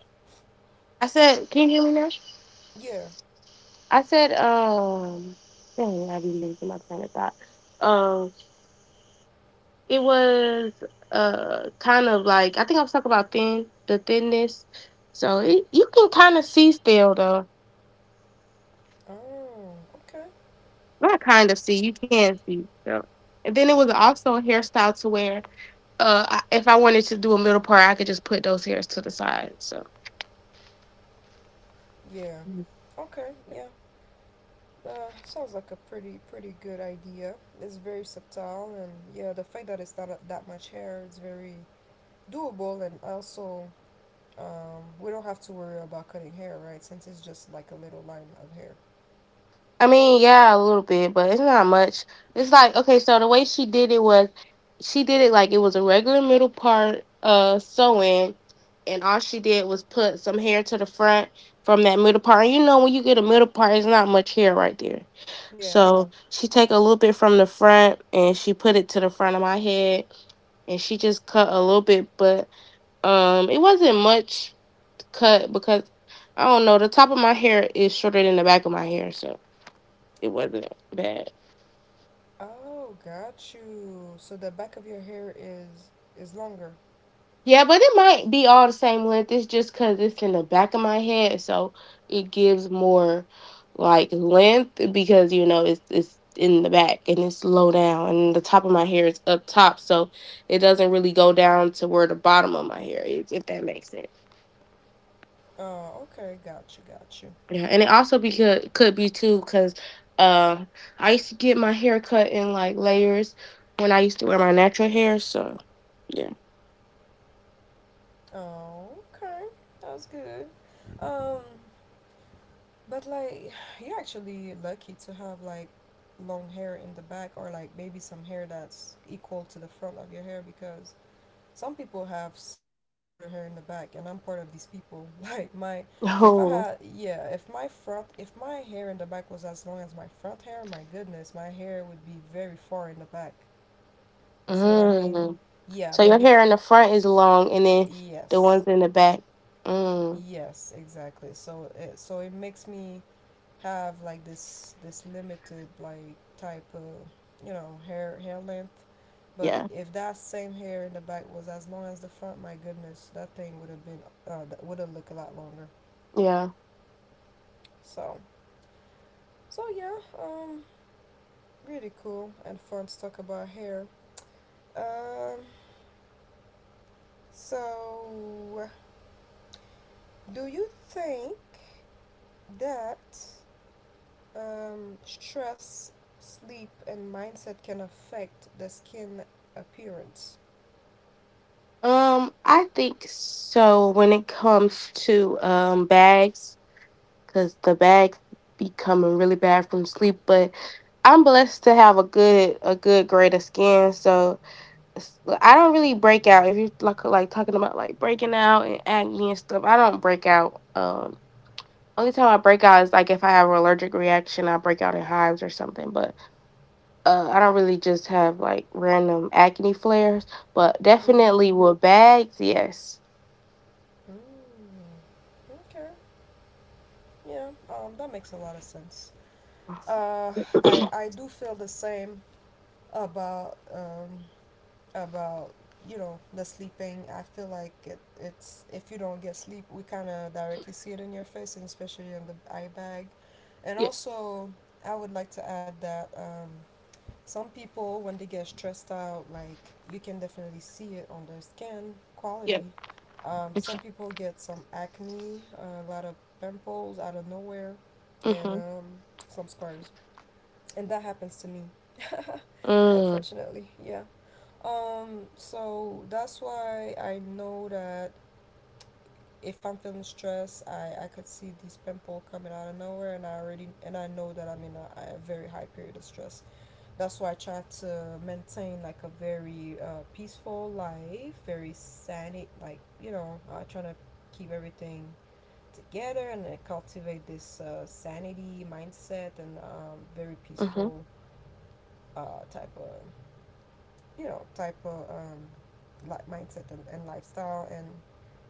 [SPEAKER 2] I said, "Can you hear me now?"
[SPEAKER 1] Yeah.
[SPEAKER 2] I said, " dang, I be losing my train of thought." Um. It was kind of like I think I was talking about thin the thinness. So it, you can kind of see still though.
[SPEAKER 1] Oh, okay.
[SPEAKER 2] Not kind of see, you can see. So. And then it was also a hairstyle to where if I wanted to do a middle part, I could just put those hairs to the side. So
[SPEAKER 1] Yeah. Okay. Yeah. Sounds like a pretty, pretty good idea. It's very subtle, and yeah, the fact that it's not a, that much hair, it's very doable, and also we don't have to worry about cutting hair, right? Since it's just like a little line of hair.
[SPEAKER 2] I mean, yeah, a little bit, but it's not much. It's like okay, so the way she did it was she did it like it was a regular middle part sewing and all she did was put some hair to the front from that middle part. And you know when you get a middle part, it's not much hair right there.
[SPEAKER 1] Yeah.
[SPEAKER 2] So she take a little bit from the front and she put it to the front of my head and she just cut a little bit, but it wasn't much cut because I don't know, the top of my hair is shorter than the back of my hair, so it wasn't bad.
[SPEAKER 1] Oh, got you. So the back of your hair is longer.
[SPEAKER 2] Yeah, but it might be all the same length. It's just because it's in the back of my head, so it gives more like length because you know it's in the back and it's low down, and the top of my hair is up top, so it doesn't really go down to where the bottom of my hair is, if that makes sense.
[SPEAKER 1] Oh, okay. Got you. Got you.
[SPEAKER 2] Yeah, and it also be could be too because uh, I used to get my hair cut in like layers when I used to wear my natural hair, so yeah.
[SPEAKER 1] Oh, okay. That was good. Um, but like, you're actually lucky to have like long hair in the back, or like maybe some hair that's equal to the front of your hair, because some people have some shorter hair in the back, and I'm part of these people. <laughs> Like my, if I
[SPEAKER 2] <laughs>
[SPEAKER 1] had, yeah, if my front, if my hair in the back was as long as my front hair, my goodness, my hair would be very far in the back. You see what I
[SPEAKER 2] Oh.
[SPEAKER 1] mean?
[SPEAKER 2] Mm.
[SPEAKER 1] Yeah,
[SPEAKER 2] So
[SPEAKER 1] but
[SPEAKER 2] your hair in the front is long, and then the
[SPEAKER 1] yes,
[SPEAKER 2] ones in the back. Mm,
[SPEAKER 1] yes, exactly. So it makes me have like this limited like type of, you know, hair length. But
[SPEAKER 2] yeah,
[SPEAKER 1] if that same hair in the back was as long as the front, my goodness, that thing would have been that would have looked a lot longer.
[SPEAKER 2] yeah.
[SPEAKER 1] So yeah, really cool and fun to talk about hair. Um, so do you think that stress, sleep, and mindset can affect the skin appearance?
[SPEAKER 2] I think so. When it comes to bags, because the bags be coming really bad from sleep, but I'm blessed to have a good grade of skin, so I don't really break out. If you like talking about like breaking out and acne and stuff, I don't break out. Only time I break out is like if I have an allergic reaction, I break out in hives or something, but. I don't really just have like random acne flares, but
[SPEAKER 1] Mm-hmm.
[SPEAKER 2] definitely with bags, yes.
[SPEAKER 1] Mm. Okay. Yeah. That makes a lot of sense. Uh, I
[SPEAKER 2] <coughs> <clears throat>
[SPEAKER 1] I do feel the same about about you know, the sleeping. I feel like it's if you don't get sleep, we kind of directly see it in your face, and especially on the eye bag. And
[SPEAKER 2] yeah,
[SPEAKER 1] also, I would like to add that some people when they get stressed out, like, you can definitely see it on their skin
[SPEAKER 2] yeah.
[SPEAKER 1] quality. Some people get some acne, a lot of pimples out of nowhere, and
[SPEAKER 2] Mhm.
[SPEAKER 1] some scars, and that happens to me <laughs>
[SPEAKER 2] Mm.
[SPEAKER 1] unfortunately, yeah. So that's why I know that if I'm feeling stressed, I could see these pimple coming out of nowhere, and I know that I'm in a very high period of stress. That's why I try to maintain, like, a very peaceful life, very sanit like, I try to keep everything together, and cultivate this sanity mindset, and very
[SPEAKER 2] Mhm.
[SPEAKER 1] peaceful type of type of like mindset and lifestyle, and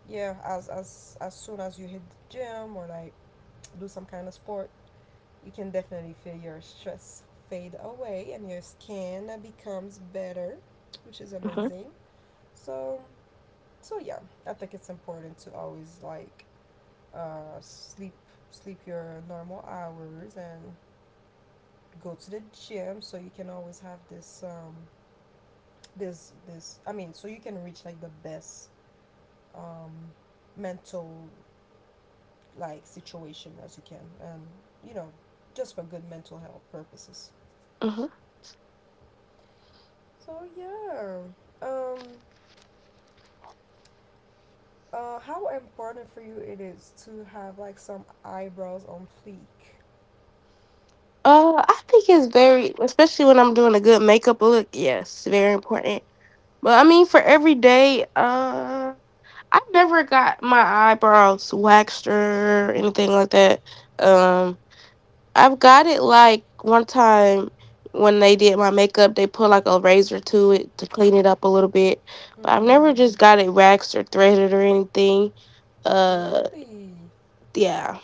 [SPEAKER 1] yeah, as soon as you hit the gym, or like do some kind of sport, you can definitely feel your stress fade away and your skin becomes better, which is
[SPEAKER 2] Mhm.
[SPEAKER 1] amazing. So so yeah, I think it's important to always, like, uh, sleep sleep your normal hours and go to the gym, so you can always have this so you can reach like the best, um, mental, like, situation as you can, and you know, just for good mental health purposes.
[SPEAKER 2] Mhm.
[SPEAKER 1] So yeah. um, how important for you it is to have, like, some eyebrows on fleek?
[SPEAKER 2] I think it's very, especially when I'm doing a good makeup look. Yes, very important. But I mean, for every day, I have never got my eyebrows waxed or anything like that. Um, I've got it like one time when they did my makeup, they put like a razor to it to clean it up a little bit. But I've
[SPEAKER 1] Mm-hmm.
[SPEAKER 2] never just got it waxed or threaded or anything. Uh
[SPEAKER 1] Really?
[SPEAKER 2] yeah.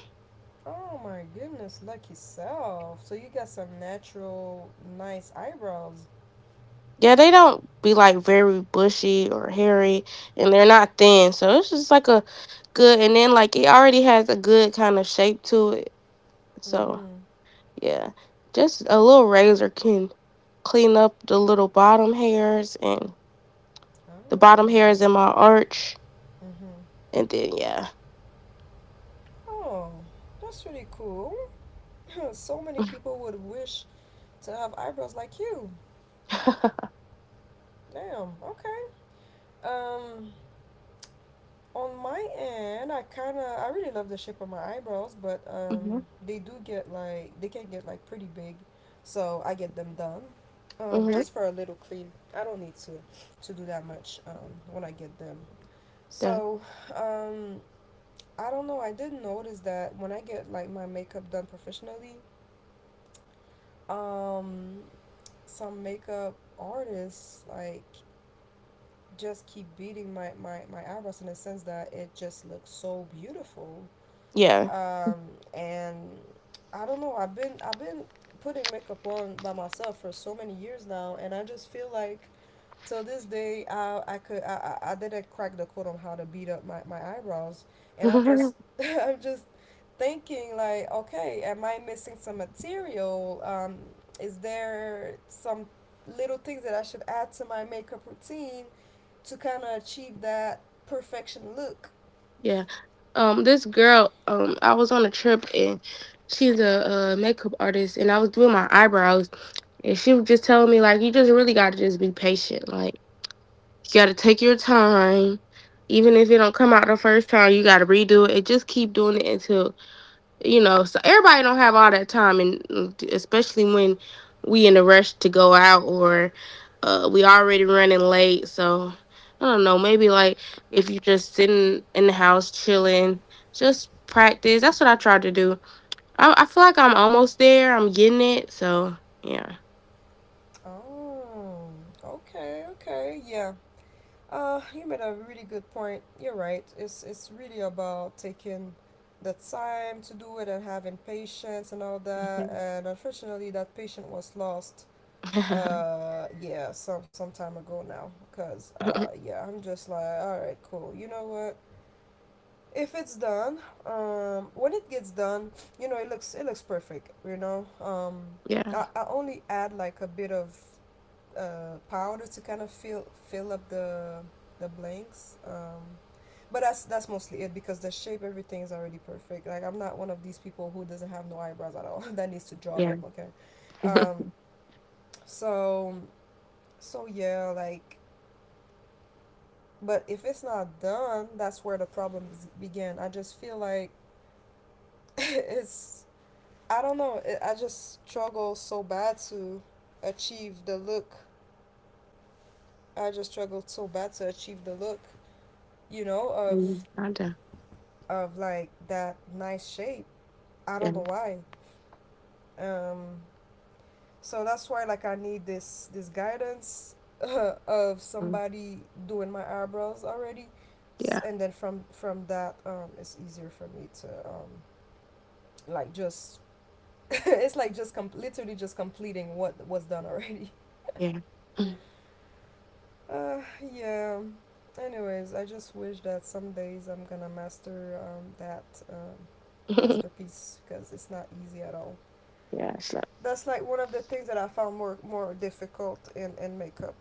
[SPEAKER 1] Oh my goodness, lucky self. So you got some natural, nice eyebrows.
[SPEAKER 2] Yeah, they don't be like very bushy or hairy and they're not thin. So it's just like a good and then like it already has a good kind of shape to it. So
[SPEAKER 1] Mm-hmm.
[SPEAKER 2] yeah. Just a little razor can clean up the little bottom hairs and the bottom
[SPEAKER 1] Oh.
[SPEAKER 2] hairs in my arch
[SPEAKER 1] Mm-hmm.
[SPEAKER 2] and then yeah.
[SPEAKER 1] Oh, that's really cool. <laughs> So many people would wish to have eyebrows like you. Damn. Okay. Um, on my end, I kind of I really love the shape of my eyebrows, but
[SPEAKER 2] Mhm.
[SPEAKER 1] they do get like, they can get like pretty big, so I get them done.
[SPEAKER 2] Mhm. Right.
[SPEAKER 1] Just for a little clean. I don't need to do that much when I get them.
[SPEAKER 2] Done.
[SPEAKER 1] So. um, I don't know. I did notice that when I get like my makeup done professionally, um, some makeup artists like just keep beating my eyebrows, in the sense that it just looks so beautiful.
[SPEAKER 2] Yeah.
[SPEAKER 1] Um, and I don't know, I've been putting makeup on by myself for so many years now, and I just feel like, till this day, I could I didn't crack the code on how to beat up my eyebrows, and I'm just
[SPEAKER 2] <laughs>
[SPEAKER 1] <laughs> I'm just thinking like, okay, am I missing some material? Is there some little things that I should add to my makeup routine to kind of achieve that perfection look?
[SPEAKER 2] yeah. This girl. I was on a trip and she's a, makeup artist, and I was doing my eyebrows, and she was just telling me like, you just really got to just be patient. Like, you got to take your time. Even if it don't come out the first time, you got to redo it. And just keep doing it until you know so everybody don't have all that time and especially when we in a rush to go out or we already running late so I don't know maybe like if you just sitting in the house chilling just practice that's what I tried to do I feel like I'm almost there I'm getting it so yeah.
[SPEAKER 1] Oh, okay, okay, yeah. You made a really good point. You're right. It's really about taking the time to do it and having patience and all that.
[SPEAKER 2] Mhm.
[SPEAKER 1] And unfortunately, that patient was lost. Yeah, some time ago now. Cause
[SPEAKER 2] <laughs>
[SPEAKER 1] yeah, I'm just like, all right, cool. You know what? If it's done, when it gets done, you know, it looks perfect. You know. I,
[SPEAKER 2] yeah
[SPEAKER 1] I only add like a bit of powder to kind of fill up the blanks. But that's mostly it, because the shape, everything is already perfect. Like, I'm not one of these people who doesn't have no eyebrows at all <laughs> that needs to draw
[SPEAKER 2] yeah.
[SPEAKER 1] them.
[SPEAKER 2] <laughs>
[SPEAKER 1] Okay. um, so so yeah, like, but if it's not done, that's where the problems begin. I just feel like <laughs> it's, I don't know. I just struggle so bad to achieve the look. I just struggled so bad to achieve the look, you know, of
[SPEAKER 2] I do.
[SPEAKER 1] like that nice shape. I don't know
[SPEAKER 2] Yeah.
[SPEAKER 1] why. Um, so that's why, like, I need this guidance <laughs> of
[SPEAKER 2] Mm.
[SPEAKER 1] somebody doing my eyebrows already,
[SPEAKER 2] yeah
[SPEAKER 1] and then from that, it's easier for me to, like, just <laughs> it's like just literally just completing what was done already. <laughs>
[SPEAKER 2] yeah.
[SPEAKER 1] Uh, yeah. Anyways, I just wish that some days I'm gonna master, that, um,
[SPEAKER 2] <laughs>
[SPEAKER 1] masterpiece, because it's not easy at all.
[SPEAKER 2] yeah. So.
[SPEAKER 1] That's like one of the things that I found more difficult in makeup.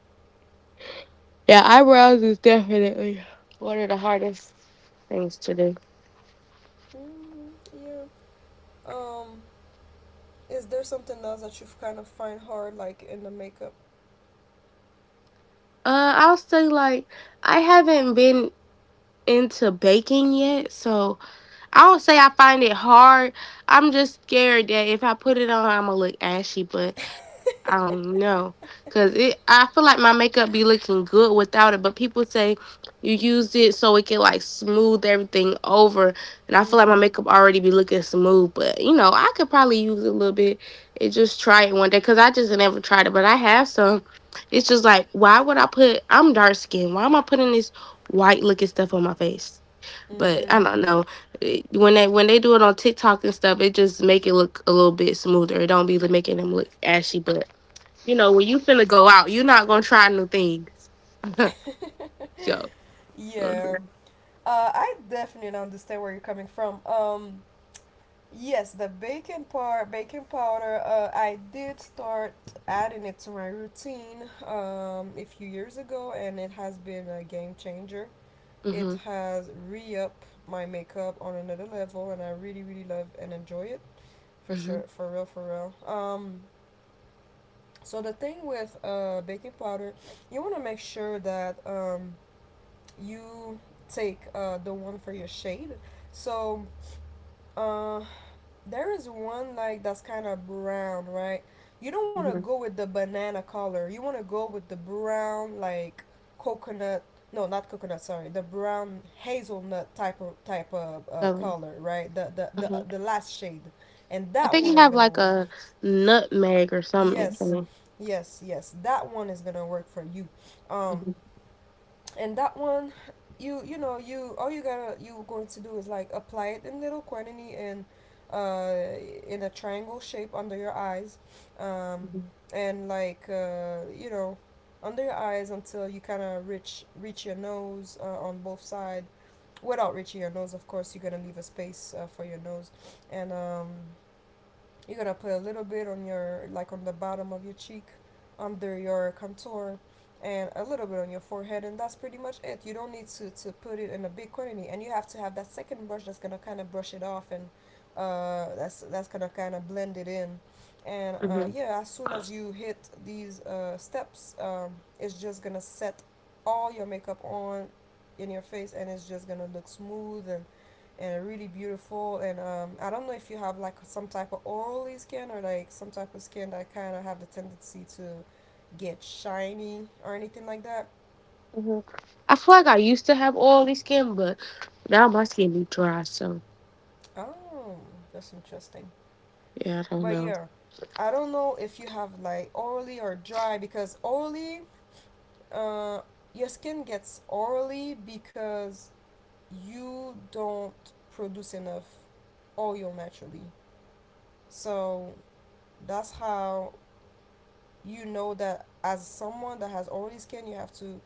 [SPEAKER 2] Yeah, eyebrows is definitely one of the hardest things to do.
[SPEAKER 1] Mm, yeah. Um, is there something else that you kind of find hard, like, in the makeup?
[SPEAKER 2] I'll say like I haven't been into baking yet, so I don't say I find it hard. I'm just scared that if I put it on, I'm gonna look ashy. But I don't know, cause it. I feel like my makeup be looking good without it, but people say you used it so it can like smooth everything over, and I feel like my
[SPEAKER 1] Mhm.
[SPEAKER 2] makeup already be looking smooth. But you know, I could probably use it a little bit and just try it one day, cause I just never tried it. But I have some. It's just like, why would I put? I'm dark skinned. Why am I putting this white looking stuff on my face? But I
[SPEAKER 1] Mhm.
[SPEAKER 2] don't know when they do it on TikTok and stuff, it just make it look a little bit smoother. It don't be like, making them look ashy, but you know, when you finna go out, you're not gonna try new things. So,
[SPEAKER 1] Yeah.
[SPEAKER 2] mm-hmm,
[SPEAKER 1] I definitely understand where you're coming from. Yes, the baking part, baking powder. I did start adding it to my routine a few years ago, and it has been a game changer. It
[SPEAKER 2] hmm
[SPEAKER 1] has re up my makeup on another level, and I really, really love and enjoy it, for
[SPEAKER 2] hmm
[SPEAKER 1] sure. For real, for real. So the thing with baking powder, you want to make sure that, you take, the one for your shade. So, uh, there is one like that's kind of brown, right? You don't want to go with the banana color. You want to go with the brown, like coconut. No, not coconut. Sorry, the brown hazelnut type of
[SPEAKER 2] So,
[SPEAKER 1] color, right? The, the the
[SPEAKER 2] hmm
[SPEAKER 1] the last shade, and
[SPEAKER 2] I
[SPEAKER 1] that
[SPEAKER 2] think
[SPEAKER 1] one
[SPEAKER 2] you
[SPEAKER 1] is
[SPEAKER 2] have
[SPEAKER 1] gonna
[SPEAKER 2] like
[SPEAKER 1] work.
[SPEAKER 2] a nutmeg or something.
[SPEAKER 1] Yes,
[SPEAKER 2] Hmm
[SPEAKER 1] yes, yes. That one is gonna work for you. Um, and that one, you all you gotta, you going to do is like apply it in little quantity, and uh in a triangle shape under your eyes, um and like you know, under your eyes, until you kind of reach your nose, on both sides, without reaching your nose, of course. You're gonna leave a space for your nose, and you're gonna put a little bit on your, like, on the bottom of your cheek, under your contour, and a little bit on your forehead, and that's pretty much it. You don't need to put it in a big quantity, and you have to have that second brush that's gonna kind of brush it off, and that's gonna kind of blend it in. And
[SPEAKER 2] hmm
[SPEAKER 1] yeah, as soon as you hit these steps, it's just gonna set all your makeup on in your face, and it's just gonna look smooth and really beautiful. And I don't know if you have like some type of oily skin, or like some type of skin that kind of have the tendency to get shiny or anything like that.
[SPEAKER 2] hmm I feel like I used to have oily skin, but now my skin be dry. So,
[SPEAKER 1] Oh, that's interesting.
[SPEAKER 2] yeah, I don't
[SPEAKER 1] But
[SPEAKER 2] know.
[SPEAKER 1] yeah, I don't know if you have like oily or dry, because oily, uh, your skin gets oily because you don't produce enough oil naturally. So that's how you know that, as someone that has oily skin, you have to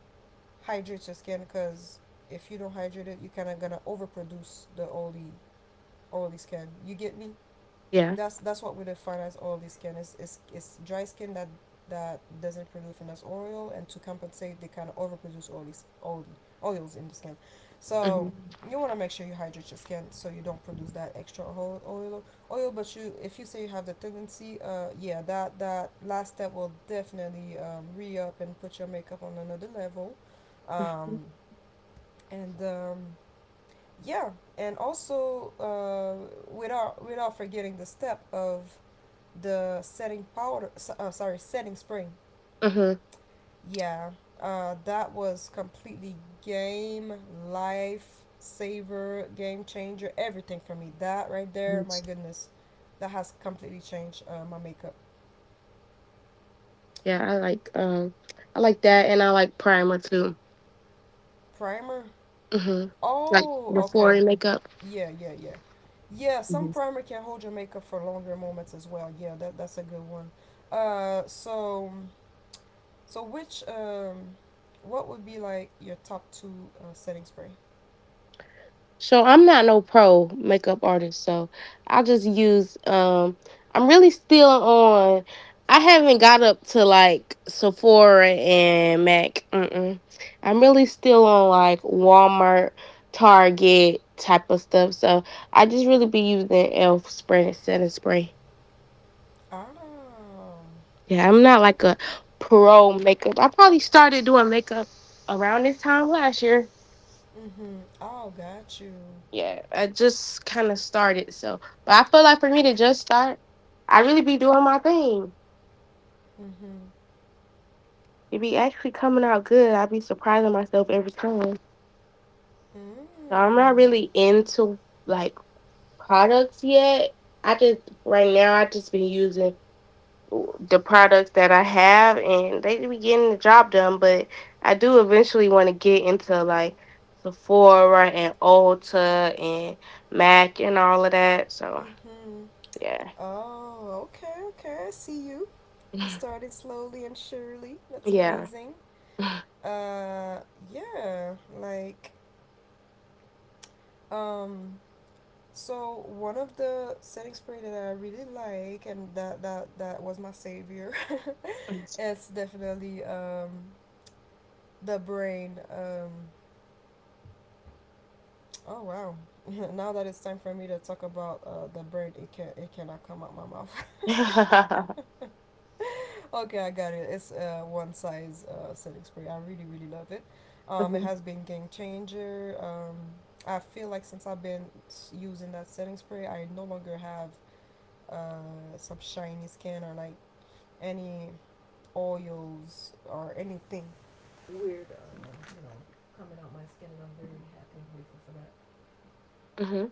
[SPEAKER 1] hydrate your skin, because if you don't hydrate it, you're kind of gonna overproduce the oily skin. You get me?
[SPEAKER 2] Yeah.
[SPEAKER 1] That's what we define as oily skin, is is dry skin that doesn't produce enough oil, and to compensate they kind of overproduce oily oils in the skin, so
[SPEAKER 2] hmm
[SPEAKER 1] you want to make sure you hydrate your skin, so you don't produce that extra oil. But you if you say you have the tendency, yeah, that last step will definitely re-up and put your makeup on another level, um and yeah. And also without forgetting the step of the setting powder, sorry, setting spray.
[SPEAKER 2] hmm
[SPEAKER 1] Yeah. That was completely, game, life saver, game changer, everything for me. That right there, my goodness. That has completely changed my makeup.
[SPEAKER 2] Yeah, I like that, and I like primer too.
[SPEAKER 1] Primer.
[SPEAKER 2] Hmm Like
[SPEAKER 1] Oh,
[SPEAKER 2] before
[SPEAKER 1] okay.
[SPEAKER 2] and makeup.
[SPEAKER 1] Yeah, yeah, yeah. Yeah, some primer can hold your makeup for longer moments as well. Yeah, that's a good one. uh so so which, what would be like your top two setting spray?
[SPEAKER 2] So I'm not no pro makeup artist, so I just use I'm really still on I haven't got up to like Sephora and Mac. Mm-mm. I'm really still on like Walmart, Target type of stuff. So I just really be using e.l.f. spray and setting spray.
[SPEAKER 1] Oh,
[SPEAKER 2] Yeah, I'm not like
[SPEAKER 1] okay.
[SPEAKER 2] a pro makeup. I probably started doing makeup around this time last year.
[SPEAKER 1] Mm-hmm. Oh, got you.
[SPEAKER 2] Yeah, I just kind of started. So, but I feel like for me to just start, I really be doing my thing.
[SPEAKER 1] Mm-hmm.
[SPEAKER 2] It be actually coming out good. I be surprising myself every time. So I'm not
[SPEAKER 1] Mm.
[SPEAKER 2] really into like products yet. I just right now I just been using the products that I have, and they be getting the job done. But I do eventually want to get into like Sephora and Ulta and Mac and all of that. So
[SPEAKER 1] Mm-hmm.
[SPEAKER 2] yeah,
[SPEAKER 1] Oh, okay, okay. I see you. You started slowly and surely. That's
[SPEAKER 2] yeah.
[SPEAKER 1] amazing. Uh, yeah. Like, um, so one of the setting spray that I really like, and that was my savior <laughs> is definitely the brain. Oh wow! <laughs> Now that it's time for me to talk about the bird, it cannot come out my mouth.
[SPEAKER 2] <laughs> mhm.
[SPEAKER 1] <laughs> Okay, I got it. It's one size setting spray. I really really love it. It has been game changer. I feel like since I've been using that setting spray, I no longer have some shiny skin, or like any oils or anything. Weird, you know, coming out my skin, and I'm very happy and grateful for that.
[SPEAKER 2] Mhm.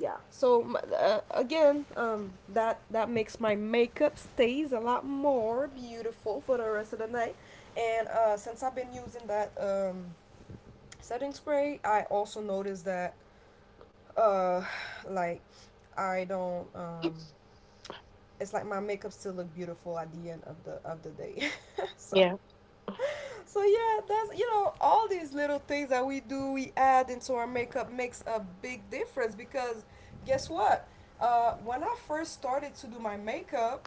[SPEAKER 1] Yeah, so again, that makes my makeup stays a lot more beautiful for the rest of the night. And since I've been using that setting spray, I also noticed that uh <sighs> like I don't it's like my makeup still look beautiful at the end of the day <laughs> so.
[SPEAKER 2] Yeah.
[SPEAKER 1] So yeah, that's, you know, all these little things that we do, we add into our makeup makes a big difference, because guess what? When I first started to do my makeup,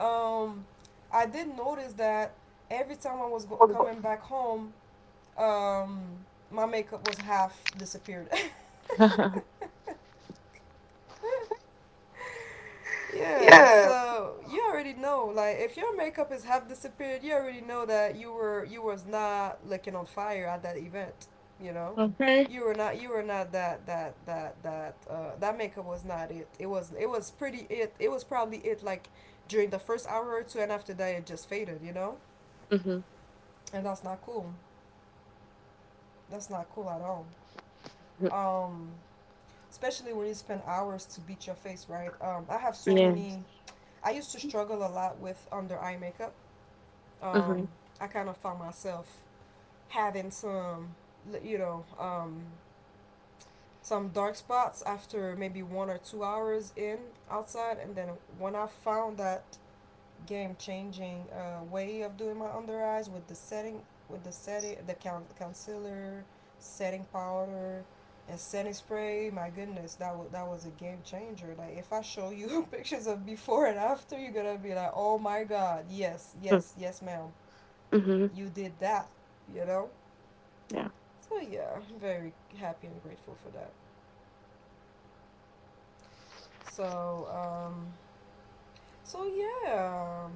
[SPEAKER 1] um, I did notice that every time I was coming back home, um, my makeup was half disappeared.
[SPEAKER 2] <laughs>
[SPEAKER 1] <laughs> <laughs> Yeah,
[SPEAKER 2] Yeah.
[SPEAKER 1] so you already know, like if your makeup is half disappeared, you already know that you was not looking on fire at that event, you know?
[SPEAKER 2] Okay.
[SPEAKER 1] You were not that makeup was not it. It was pretty, it was probably it like during the first hour or two, and after that it just faded, you know?
[SPEAKER 2] Mhm.
[SPEAKER 1] And that's not cool. That's not cool at all.
[SPEAKER 2] mhm,
[SPEAKER 1] Um Especially when you spend hours to beat your face, right? I have so
[SPEAKER 2] Yes.
[SPEAKER 1] many I used to struggle a lot with under eye makeup. Um,
[SPEAKER 2] Mhm.
[SPEAKER 1] I kind of found myself having some, you know, um, some dark spots after maybe 1 or 2 hours in outside. And then when I found that game changing way of doing my under eyes with the setting, with the setting, the concealer, setting powder, and setting spray, my goodness, that was a game changer. Like, if I show you <laughs> pictures of before and after, you're gonna be like, oh my God, yes,
[SPEAKER 2] mm,
[SPEAKER 1] yes, yes, ma'am,
[SPEAKER 2] Mhm.
[SPEAKER 1] you did that, you know?
[SPEAKER 2] Yeah.
[SPEAKER 1] So yeah, I'm very happy and grateful for that. So um so yeah um,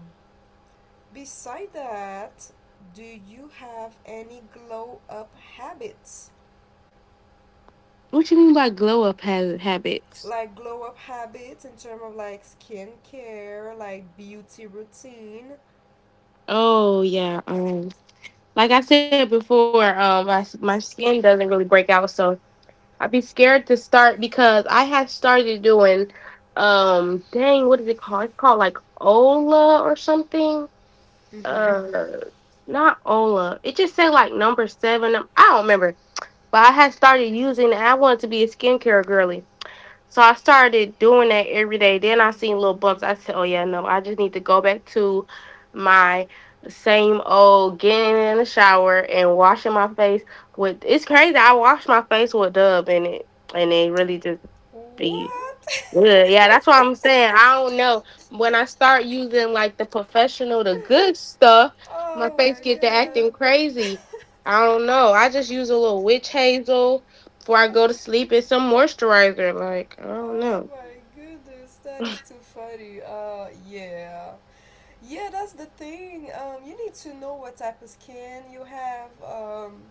[SPEAKER 1] beside that, do you have any glow up habits?
[SPEAKER 2] What you mean by glow up habits?
[SPEAKER 1] Like glow up habits in terms of like skincare, like beauty routine.
[SPEAKER 2] Oh yeah. Like I said before, my my skin doesn't really break out, so I'd be scared to start because I had started doing, dang, what is it called? It's called like Ola or something.
[SPEAKER 1] Mm-hmm.
[SPEAKER 2] Uh, not Ola. It just said like number 7. I don't remember. But I had started using it. I wanted to be a skincare girly. So I started doing that every day. Then I seen little bumps. I said, oh, yeah, no, I just need to go back to my same old getting in the shower and washing my face with. It's crazy. I wash my face with Dove in it. And it really just be
[SPEAKER 1] What?
[SPEAKER 2] good. Yeah, that's what I'm saying.
[SPEAKER 1] <laughs>
[SPEAKER 2] I don't know. When I start using like the professional, the good stuff, my
[SPEAKER 1] Oh
[SPEAKER 2] face
[SPEAKER 1] my
[SPEAKER 2] get to
[SPEAKER 1] God.
[SPEAKER 2] acting crazy. I don't know. I just use a little witch hazel before I go to
[SPEAKER 1] <laughs>
[SPEAKER 2] sleep and some moisturizer. Like, I don't
[SPEAKER 1] Oh
[SPEAKER 2] know.
[SPEAKER 1] my goodness, that is too funny. Yeah. Yeah, that's the thing. You need to know what type of skin you have,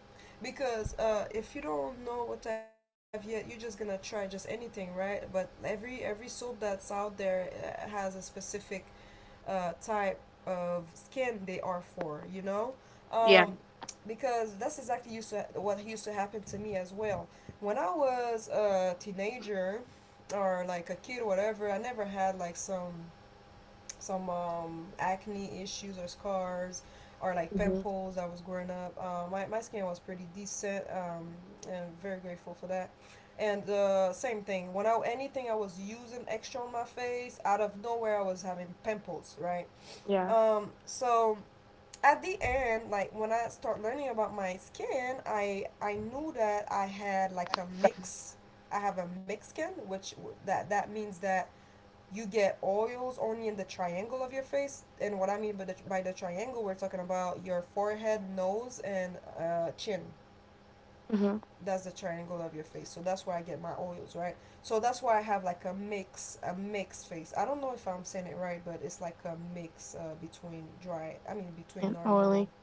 [SPEAKER 1] because if you don't know what type of skin you have yet, you're just gonna try just anything, right? But every soap that's out there has a specific type of skin they are for, you know? Um,
[SPEAKER 2] Yeah.
[SPEAKER 1] because that's exactly used to what used to happen to me as well. When I was a teenager or like a kid or whatever, I never had like some acne issues or scars or like
[SPEAKER 2] hmm
[SPEAKER 1] pimples I was growing up. My, my skin was pretty decent, and very grateful for that. And same thing, when I, anything I was using extra on my face, out of nowhere I was having pimples, right?
[SPEAKER 2] Yeah.
[SPEAKER 1] So at the end, like when I start learning about my skin, I knew that I had like a mix. I have a mixed skin, which that means that you get oils only in the triangle of your face. And what I mean by the triangle, we're talking about your forehead, nose, and chin.
[SPEAKER 2] hmm
[SPEAKER 1] That's the triangle of your face. So that's where I get my oils, right? So that's why I have like a mix, a mixed face. I don't know if I'm saying it right, but it's like a mix between dry, I mean, between
[SPEAKER 2] And
[SPEAKER 1] normal.
[SPEAKER 2] oily.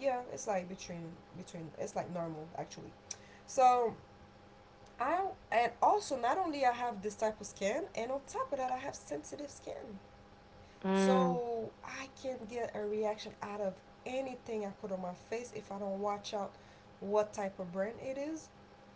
[SPEAKER 1] Yeah, it's like between, between, it's like normal actually. So I, and also not only I have this type of skin, and on top of that, I have sensitive skin,
[SPEAKER 2] Mm.
[SPEAKER 1] so I can get a reaction out of anything I put on my face if I don't watch out what type of brand it is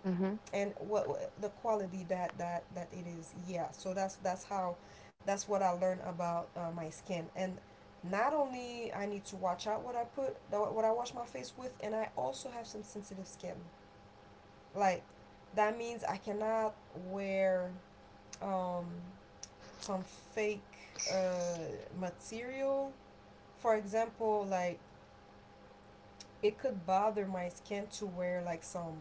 [SPEAKER 2] hmm
[SPEAKER 1] and the quality that that it is. Yeah. So that's how, that's what I learned about my skin. And not only I need to watch out what I put, what I wash my face with, and I also have some sensitive skin. Like, that means I cannot wear um, some fake uh, material, for example. Like, it could bother my skin to wear like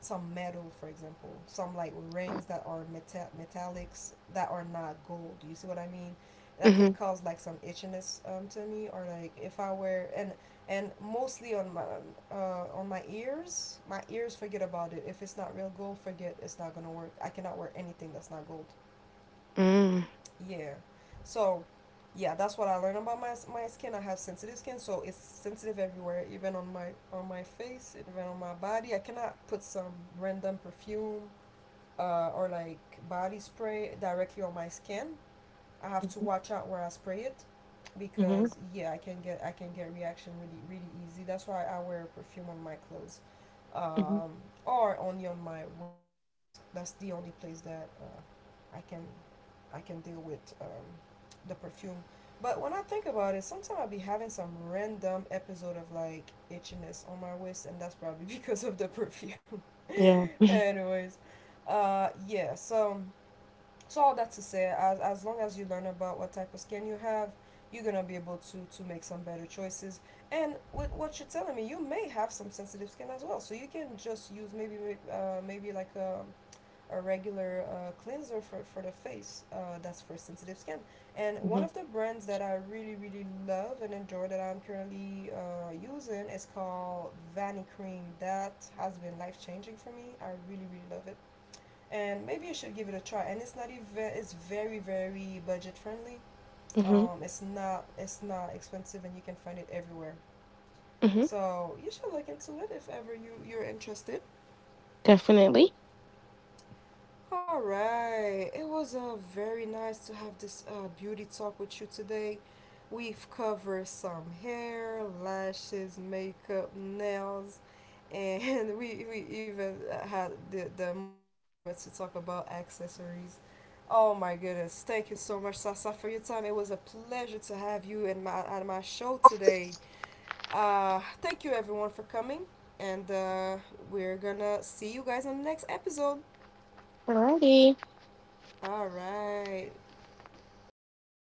[SPEAKER 1] some metal, for example, some like rings that are metallics that are not gold. You see what I mean? That can
[SPEAKER 2] hmm
[SPEAKER 1] cause like some itchiness, to me, or like if I wear, and mostly on my ears. My ears, forget about it. If it's not real gold, forget, it's not gonna work. I cannot wear anything that's not gold.
[SPEAKER 2] Mm.
[SPEAKER 1] Yeah, so yeah, that's what I learned about my, my skin. I have sensitive skin, so it's sensitive everywhere, even on my face, even on my body. I cannot put some random perfume or like body spray directly on my skin. I have to watch out where I spray it,
[SPEAKER 2] hmm
[SPEAKER 1] because yeah, I can get reaction really really easy. That's why I wear perfume on my clothes,
[SPEAKER 2] hmm
[SPEAKER 1] um, or only on my waist. That's the only place that I can, I can deal with, the perfume. But when I think about it, sometimes I'll be having some random episode of like itchiness on my waist, and that's probably <laughs> because of the perfume.
[SPEAKER 2] Yeah.
[SPEAKER 1] <laughs> Anyways, yeah, so, so all that to say, as long as you learn about what type of skin you have, you're gonna be able to make some better choices. And with what you're telling me, you may have some sensitive skin as well, so you can just use maybe maybe like a regular cleanser for the face that's for sensitive skin. And one
[SPEAKER 2] hmm
[SPEAKER 1] of the brands that I really really love and enjoy that I'm currently using is called Vani Cream. That has been life changing for me. I really really love it, and maybe you should give it a try. And it's not even, it's very very budget friendly.
[SPEAKER 2] hmm
[SPEAKER 1] It's not, it's not expensive, and you can find it everywhere.
[SPEAKER 2] hmm
[SPEAKER 1] So you should look into it if ever you you're interested.
[SPEAKER 2] Definitely.
[SPEAKER 1] All right, it was very nice to have this beauty talk with you today. We've covered some hair, lashes, makeup, nails, and <laughs> we even had the moment to talk about accessories. Oh my goodness. Thank you so much, Sasa, for your time. It was a pleasure to have you in my, at my show today. Thank you, everyone, for coming. And we're gonna see you guys on the next episode.
[SPEAKER 2] Alrighty.
[SPEAKER 1] All right.